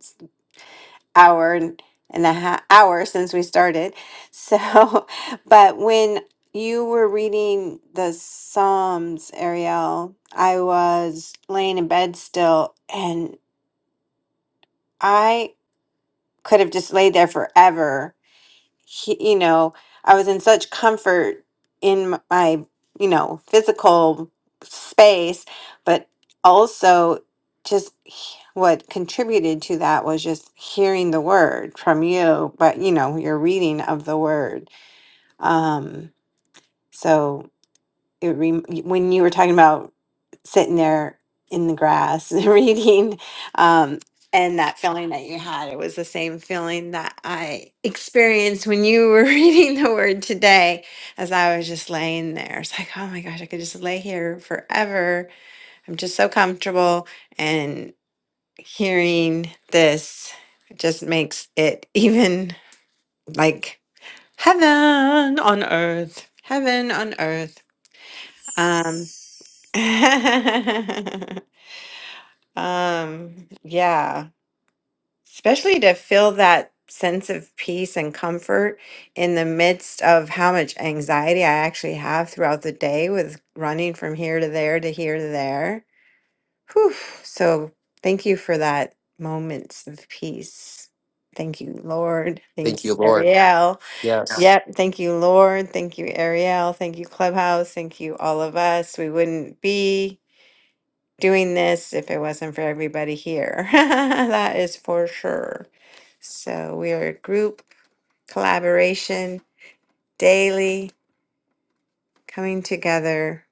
F: hour and, and a half hour since we started. So, [LAUGHS] but when you were reading the Psalms, Ariel, I was laying in bed still and I could have just laid there forever he, you know, I was in such comfort in m- my, you know, physical space, but also just he- what contributed to that was just hearing the word from you, but you know, your reading of the word. Um, so it rem- when you were talking about sitting there in the grass [LAUGHS] reading um and that feeling that you had it was the same feeling that i experienced when you were [LAUGHS] reading the word today as i was just laying there it's like oh my gosh i could just lay here forever i'm just so comfortable and hearing this just makes it [LAUGHS] even like heaven on earth heaven on earth Um, [LAUGHS] Um, yeah, especially to feel that sense of peace and comfort in the midst of how much anxiety I actually have throughout the day with running from here to there to here to there. Whew. So thank you for that moments of peace. Thank you, Lord.
B: thank
F: Thank you,
B: you lord
F: Ariel. Yeah.
B: yes
F: Yep. Thank you, Lord. Thank you, Ariel. Thank you, Clubhouse. Thank you, all of us. We wouldn't be doing this if it wasn't for everybody here. [LAUGHS] That is for sure. So we are a group collaboration daily coming together,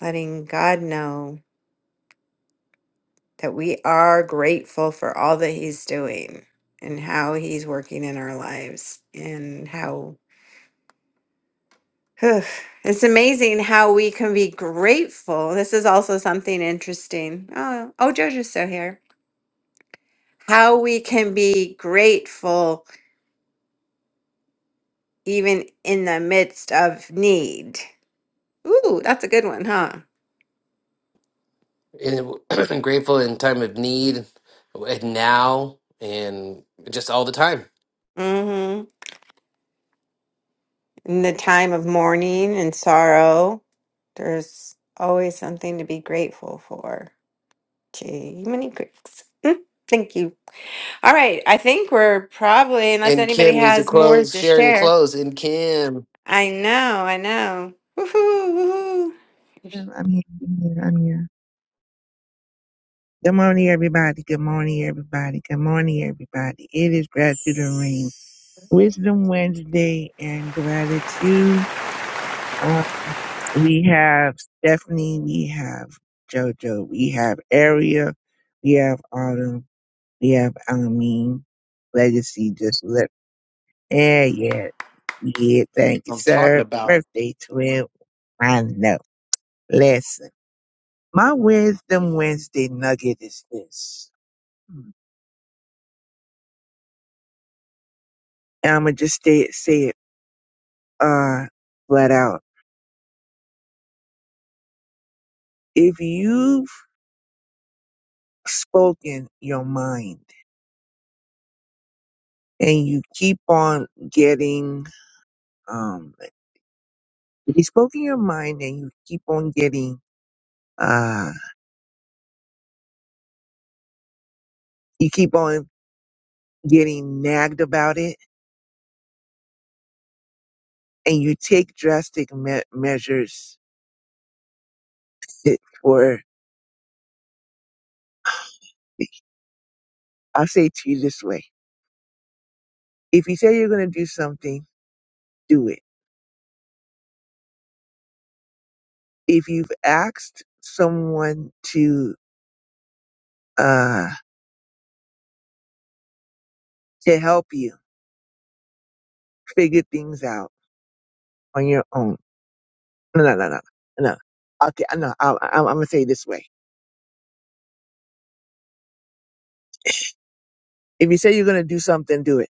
F: letting God know that we are grateful for all that He's doing and how He's working in our lives and how. Whew, It's amazing how we can be grateful. This is also something interesting. Oh, oh, Jojo's still here. How we can be grateful even in the midst of need. Ooh, that's a good one, huh?
B: and [CLEARS THROAT] I'm grateful in time of need and now and just all the time
F: hmm In the time of mourning and sorrow, there's always something to be grateful for. Gee, many Greeks. Mm, Thank you. All right, I think we're probably, unless
B: And
F: anybody
B: Kim needs to
F: has more
B: close,
F: to
B: sharing
F: share.
B: clothes. And Kim,
F: I know, I know. Woohoo, woohoo.
I: Yeah, I'm here. I'm here. I'm here. Good morning, everybody. Good morning, everybody. Good morning, everybody. It is gratitude and rain. Wisdom Wednesday and gratitude. Uh, we have Stephanie. We have JoJo. We have Aria. We have Autumn. We have Amin. Legacy just left. Yeah, yeah. Yeah, thank you,
B: I'm talking
I: sir.
B: about.
I: Birthday twin. I know. Listen, my Wisdom Wednesday nugget is this. And I'm gonna just stay, say it uh, flat out. If you've spoken your mind and you keep on getting, um, if you spoken your mind and you keep on getting, uh, you keep on getting nagged about it, and you take drastic me- measures it- for, I'll say it to you this way: If you say you're gonna do something, do it. If you've asked someone to uh, to help you figure things out on your own. No, no, no, no, no. Okay, no, I, I, I'm gonna say it this way: if you say you're gonna do something, do it.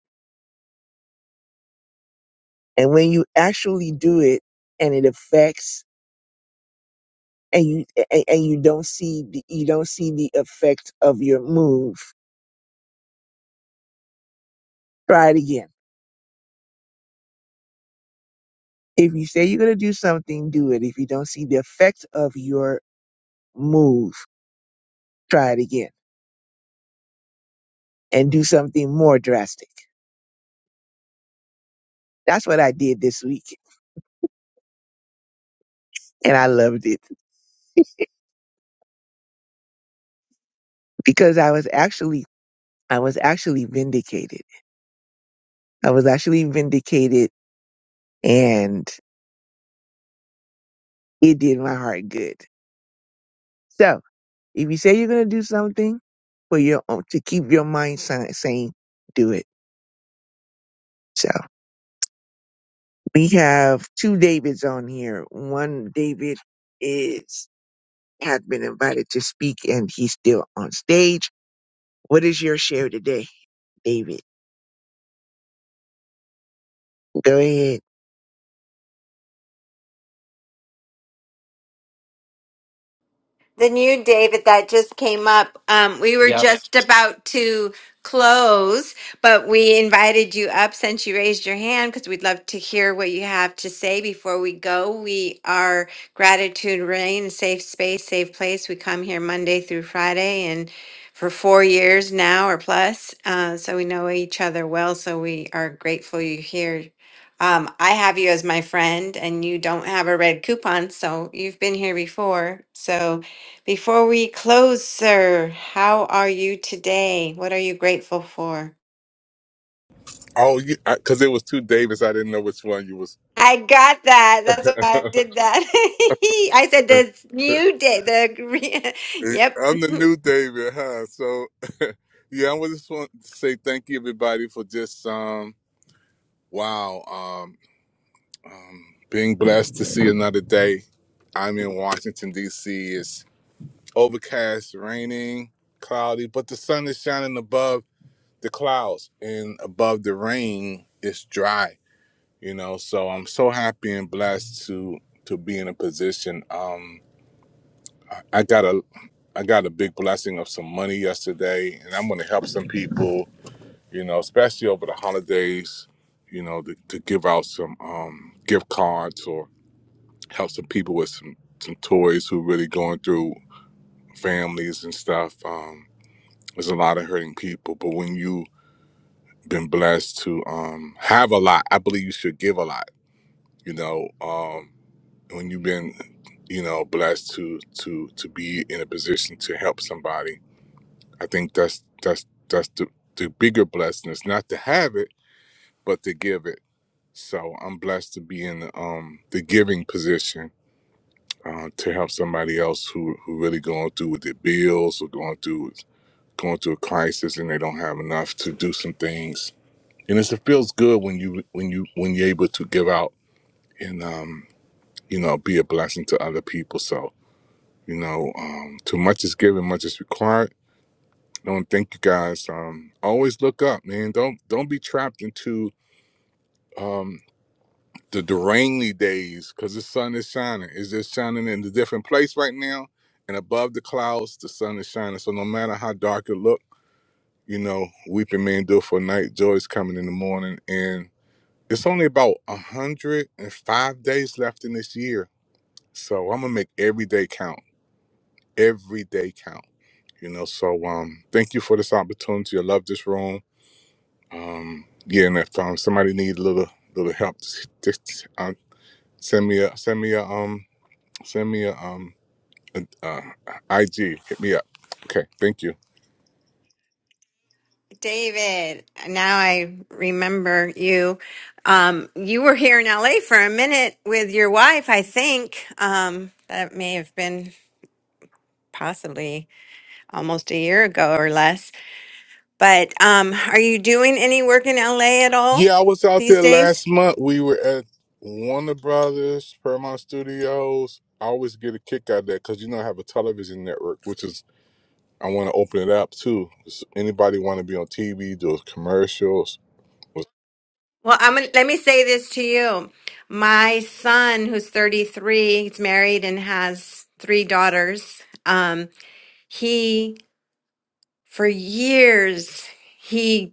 I: And when you actually do it, and it affects, and you and, and you don't see the, you don't see the effect of your move, try it again. If you say you're gonna do something, do it. If you don't see the effect of your move, try it again and do something more drastic. That's what I did this week, and I loved it because I was actually I was actually vindicated. I was actually vindicated and it did my heart good. So if you say you're going to do something for your own, to keep your mind si- sane, do it. So we have two Davids on here. One David is, had been invited to speak and he's still on stage. What is your share today, David? Go ahead.
F: The new David, that just came up. Um, we were
B: Yep.
F: just about to close, but we invited you up since you raised your hand because we'd love to hear what you have to say before we go. We are Gratitude Rain, a safe space, safe place. We come here Monday through Friday and for four years now or plus. Uh, so we know each other well. So we are grateful you're here. Um, I have you as my friend, and you don't have a red coupon, so you've been here before. So before we close, sir, how are you today? What are you grateful for?
J: Oh, because it was two Davis. I didn't know which one you was. [LAUGHS]
F: I got that. That's why I did that. [LAUGHS] I said this new day. The gre- [LAUGHS] yep,
J: I'm the
F: [LAUGHS]
J: new David, huh? So, [LAUGHS] yeah, I just want to say thank you, everybody, for just um, wow, um, um, being blessed to see another day. I'm in Washington D.C. It's overcast, raining, cloudy, but the sun is shining above the clouds, and above the rain, it's dry. you know so i'm so happy and blessed to to be in a position um i I got a i got a big blessing of some money yesterday and i'm going to help some people you know especially over the holidays you know to, to give out some um gift cards or help some people with some some toys who really going through families and stuff um there's a lot of hurting people but when you have been blessed to um have a lot i believe you should give a lot you know um when you've been you know blessed to to to be in a position to help somebody i think that's that's that's the, the bigger blessing is not to have it but to give it so i'm blessed to be in um the giving position uh, to help somebody else who who really going through with their bills or going through with- going through a crisis and they don't have enough to do some things and it's, it feels good when you when you when you're able to give out and um you know be a blessing to other people so You know, um, too much is given, much is required. Don't think you guys. Um, always look up, man. Don't don't be trapped into um, the derangly days because the sun is shining. It's just shining in a different place right now, and above the clouds, the sun is shining. So no matter how dark it look, you know, weeping may endure for a night, joy is coming in the morning. And it's only about a hundred and five days left in this year, so I'm gonna make every day count. Every day count You know, so um, thank you for this opportunity. I love this room. Um, yeah, and if um, somebody needs a little little help, just, just uh, send me a send me a um send me a um a, uh, IG. Hit me up. Okay, thank you.
F: David. Now I remember you. Um, you were here in LA for a minute with your wife, I think. Um, that may have been possibly almost a year ago or less. But um, are you doing any work in LA at all
J: Yeah, I was out
F: these
J: there
F: days?
J: last month. We were at Warner Brothers, Paramount Studios. I always get a kick out of that because you know I have a television network, which is I want to open it up too. Does anybody want to be on TV, do commercials?
F: Well, I'm gonna, let me say this to you. My son, who's 33, he's married and has three daughters. Um, he, for years, he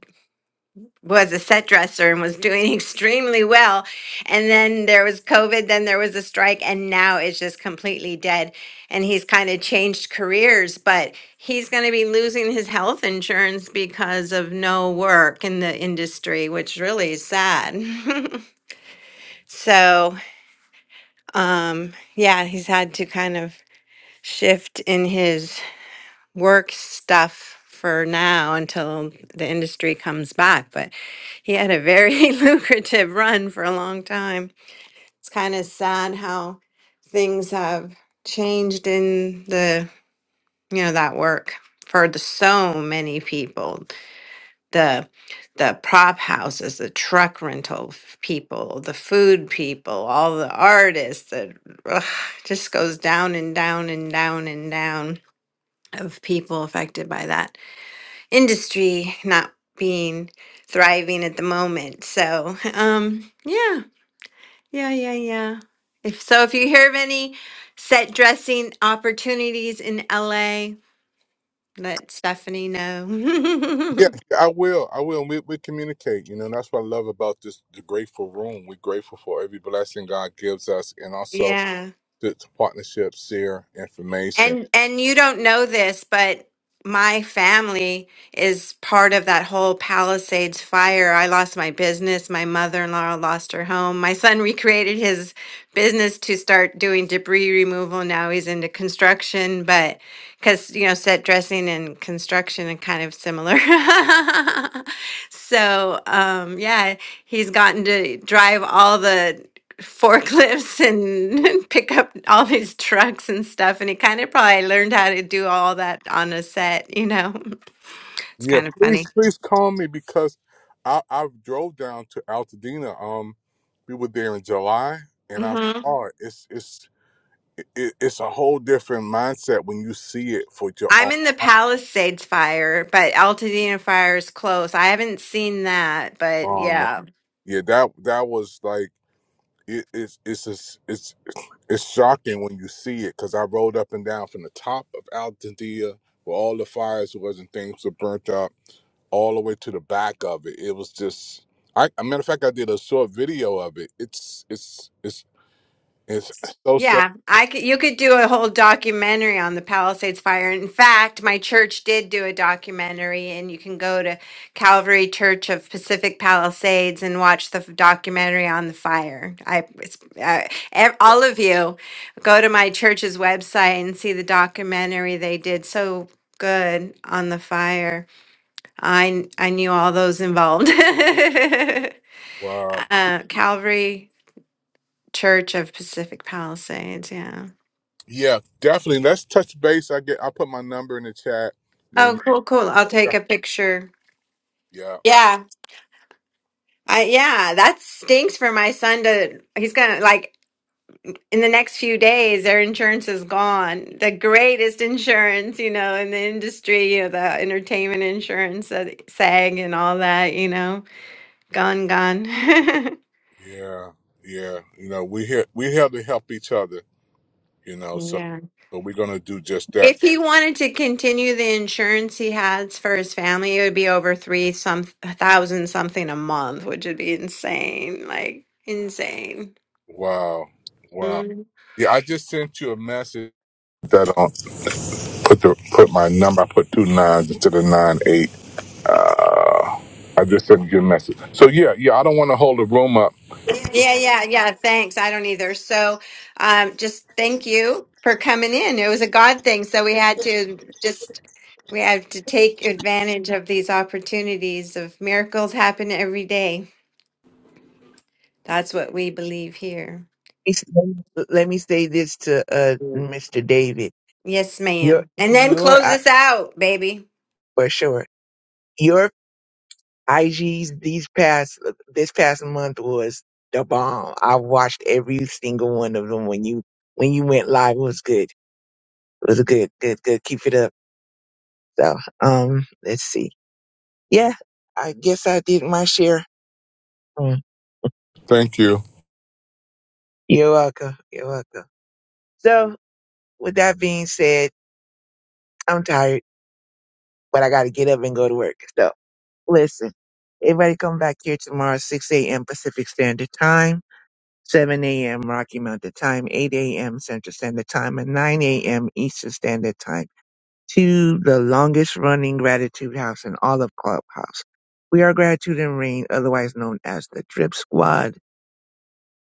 F: was a set dresser and was doing [LAUGHS] extremely well. And then there was COVID, then there was a strike, and now it's just completely dead. And he's kind of changed careers, but he's going to be losing his health insurance because of no work in the industry, which really is sad. [LAUGHS] So, um, yeah, he's had to kind of shift in his work stuff for now until the industry comes back. But he had a very [LAUGHS] lucrative run for a long time. It's kind of sad how things have changed in the, you know, that work for the so many people the the prop houses, the truck rental f- people, the food people, all the artists. That just goes down and down and down and down of people affected by that industry not being thriving at the moment. So, um, yeah, yeah, yeah, yeah. If so, if you hear of any set dressing opportunities in LA, let Stephanie
J: Yeah,
F: know.
J: I will. I will. We, we communicate, you know, and that's what I love about this the grateful room. We're grateful for every blessing God gives us and
F: [LAUGHS]
J: also
F: yeah.
J: the, the partnership, share information.
F: And and you don't know this, but my family is part of that whole Palisades fire. I lost my business. My mother-in-law lost her home. My son [LAUGHS] recreated his business to start doing debris removal. Now he's into construction, but because you know, set dressing and construction are kind of similar. [LAUGHS] so um, yeah, he's gotten to drive all the forklifts and [LAUGHS] pick up all these trucks and stuff. And he kind of probably learned how to do all that on a set, you know? [LAUGHS] It's
J: Yeah,
F: kind of
J: please,
F: funny.
J: please call me because I, I drove down to Altadena. Um, we were there in July and I
F: hmm
J: saw it. It's, it's, it, it's a whole different mindset when you see it for your own
F: I'm in the
J: eyes.
F: Palisades fire, but Altadena fire is close. I haven't seen that, but
J: Oh, man.
F: yeah.
J: Yeah, that, that was like, it, it's, it's, a, it's, It's shocking when you see it because I rode up and down from the top of Altadena where all the fires was and things were burnt up all the way to the back of it. It was just, I, a matter of fact, I did a short video of it. It's it's it's it's uh, so sad.
F: Yeah, I could, you could do a whole documentary on the Palisades fire. In fact, my church did do a documentary, and you can go to Calvary Church of Pacific Palisades and watch the f- documentary on the fire. I, it's, uh, ev-
J: Wa-
F: all of you, go to my church's website and see the documentary they did. So good on the fire. I kn- I knew all those involved. [LAUGHS] uh,
J: Wow.
F: Calvary Church of Pacific Palisades. Yeah.
J: Yeah, definitely. Let's touch base. I get. I put my number in the chat. Man.
F: Oh,
J: You,
F: cool, cool. I'll take
J: yeah.
F: a picture.
J: Yeah.
F: Yeah. I yeah, that stinks for my son to he's gonna like in the next few days their insurance is gone. The greatest insurance, you know, in the industry, you know, the entertainment insurance, uh, SAG and all that, you know. Gone, gone. [LAUGHS]
J: Yeah. yeah, You know, we here. We here to help each other. You know, so
F: Yeah.
J: so we're gonna do just that.
F: If he wanted to continue the insurance he has for his family, it would be over three some thousand something a month, which would be insane. Like insane.
J: Wow. Wow.
F: Mm-hmm.
J: Yeah, I just sent you a message that um put the put my number, I put two nines instead of nine eight. I just sent you a message. So yeah, yeah, I don't want to hold the room up.
F: Yeah, yeah, yeah. Thanks. I don't either. So, um, just thank you for coming in. It was a God thing, so we had to just we have to take advantage of these opportunities of miracles happen every day. That's what we believe here.
I: Let me let me say this to uh, Mr. David.
F: Yes,
I: Your,
F: ma'am. And then
I: your,
F: close
I: I-
F: this out, baby.
I: for sure your. IGs these past this past month was the bomb. I watched every single one of them when you when you went live. It was good. It was good, good, good. Keep it up. So um, let's see. Yeah, I guess I did my share. Mm.
J: Thank you.
I: You're welcome. You're welcome. So with that being said, I'm tired, but I got to get up and go to work. So listen, everybody come back here tomorrow, 6 a.m. Pacific Standard Time. 7 a.m. Rocky Mountain Time, 8 a.m. Central Standard Time, and 9 a.m. Eastern Standard Time to the longest running Gratitude House in all of Clubhouse. We are Gratitude and Rain, otherwise known as the Drip Squad,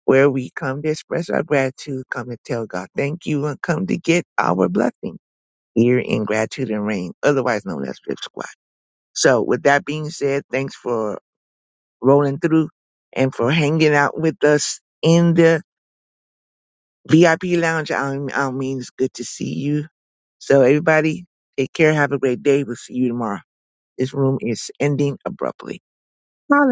I: where we come to express our gratitude, come to tell God thank you, and come to get our blessing here in Gratitude and Rain, otherwise known as Drip Squad. So with that being said, thanks for rolling through and for hanging out with us in the VIP Lounge, I P Lounge um, mean, it's good to see you. So everybody, take care. Have a great day. We'll see you tomorrow. This room is ending abruptly. Holla.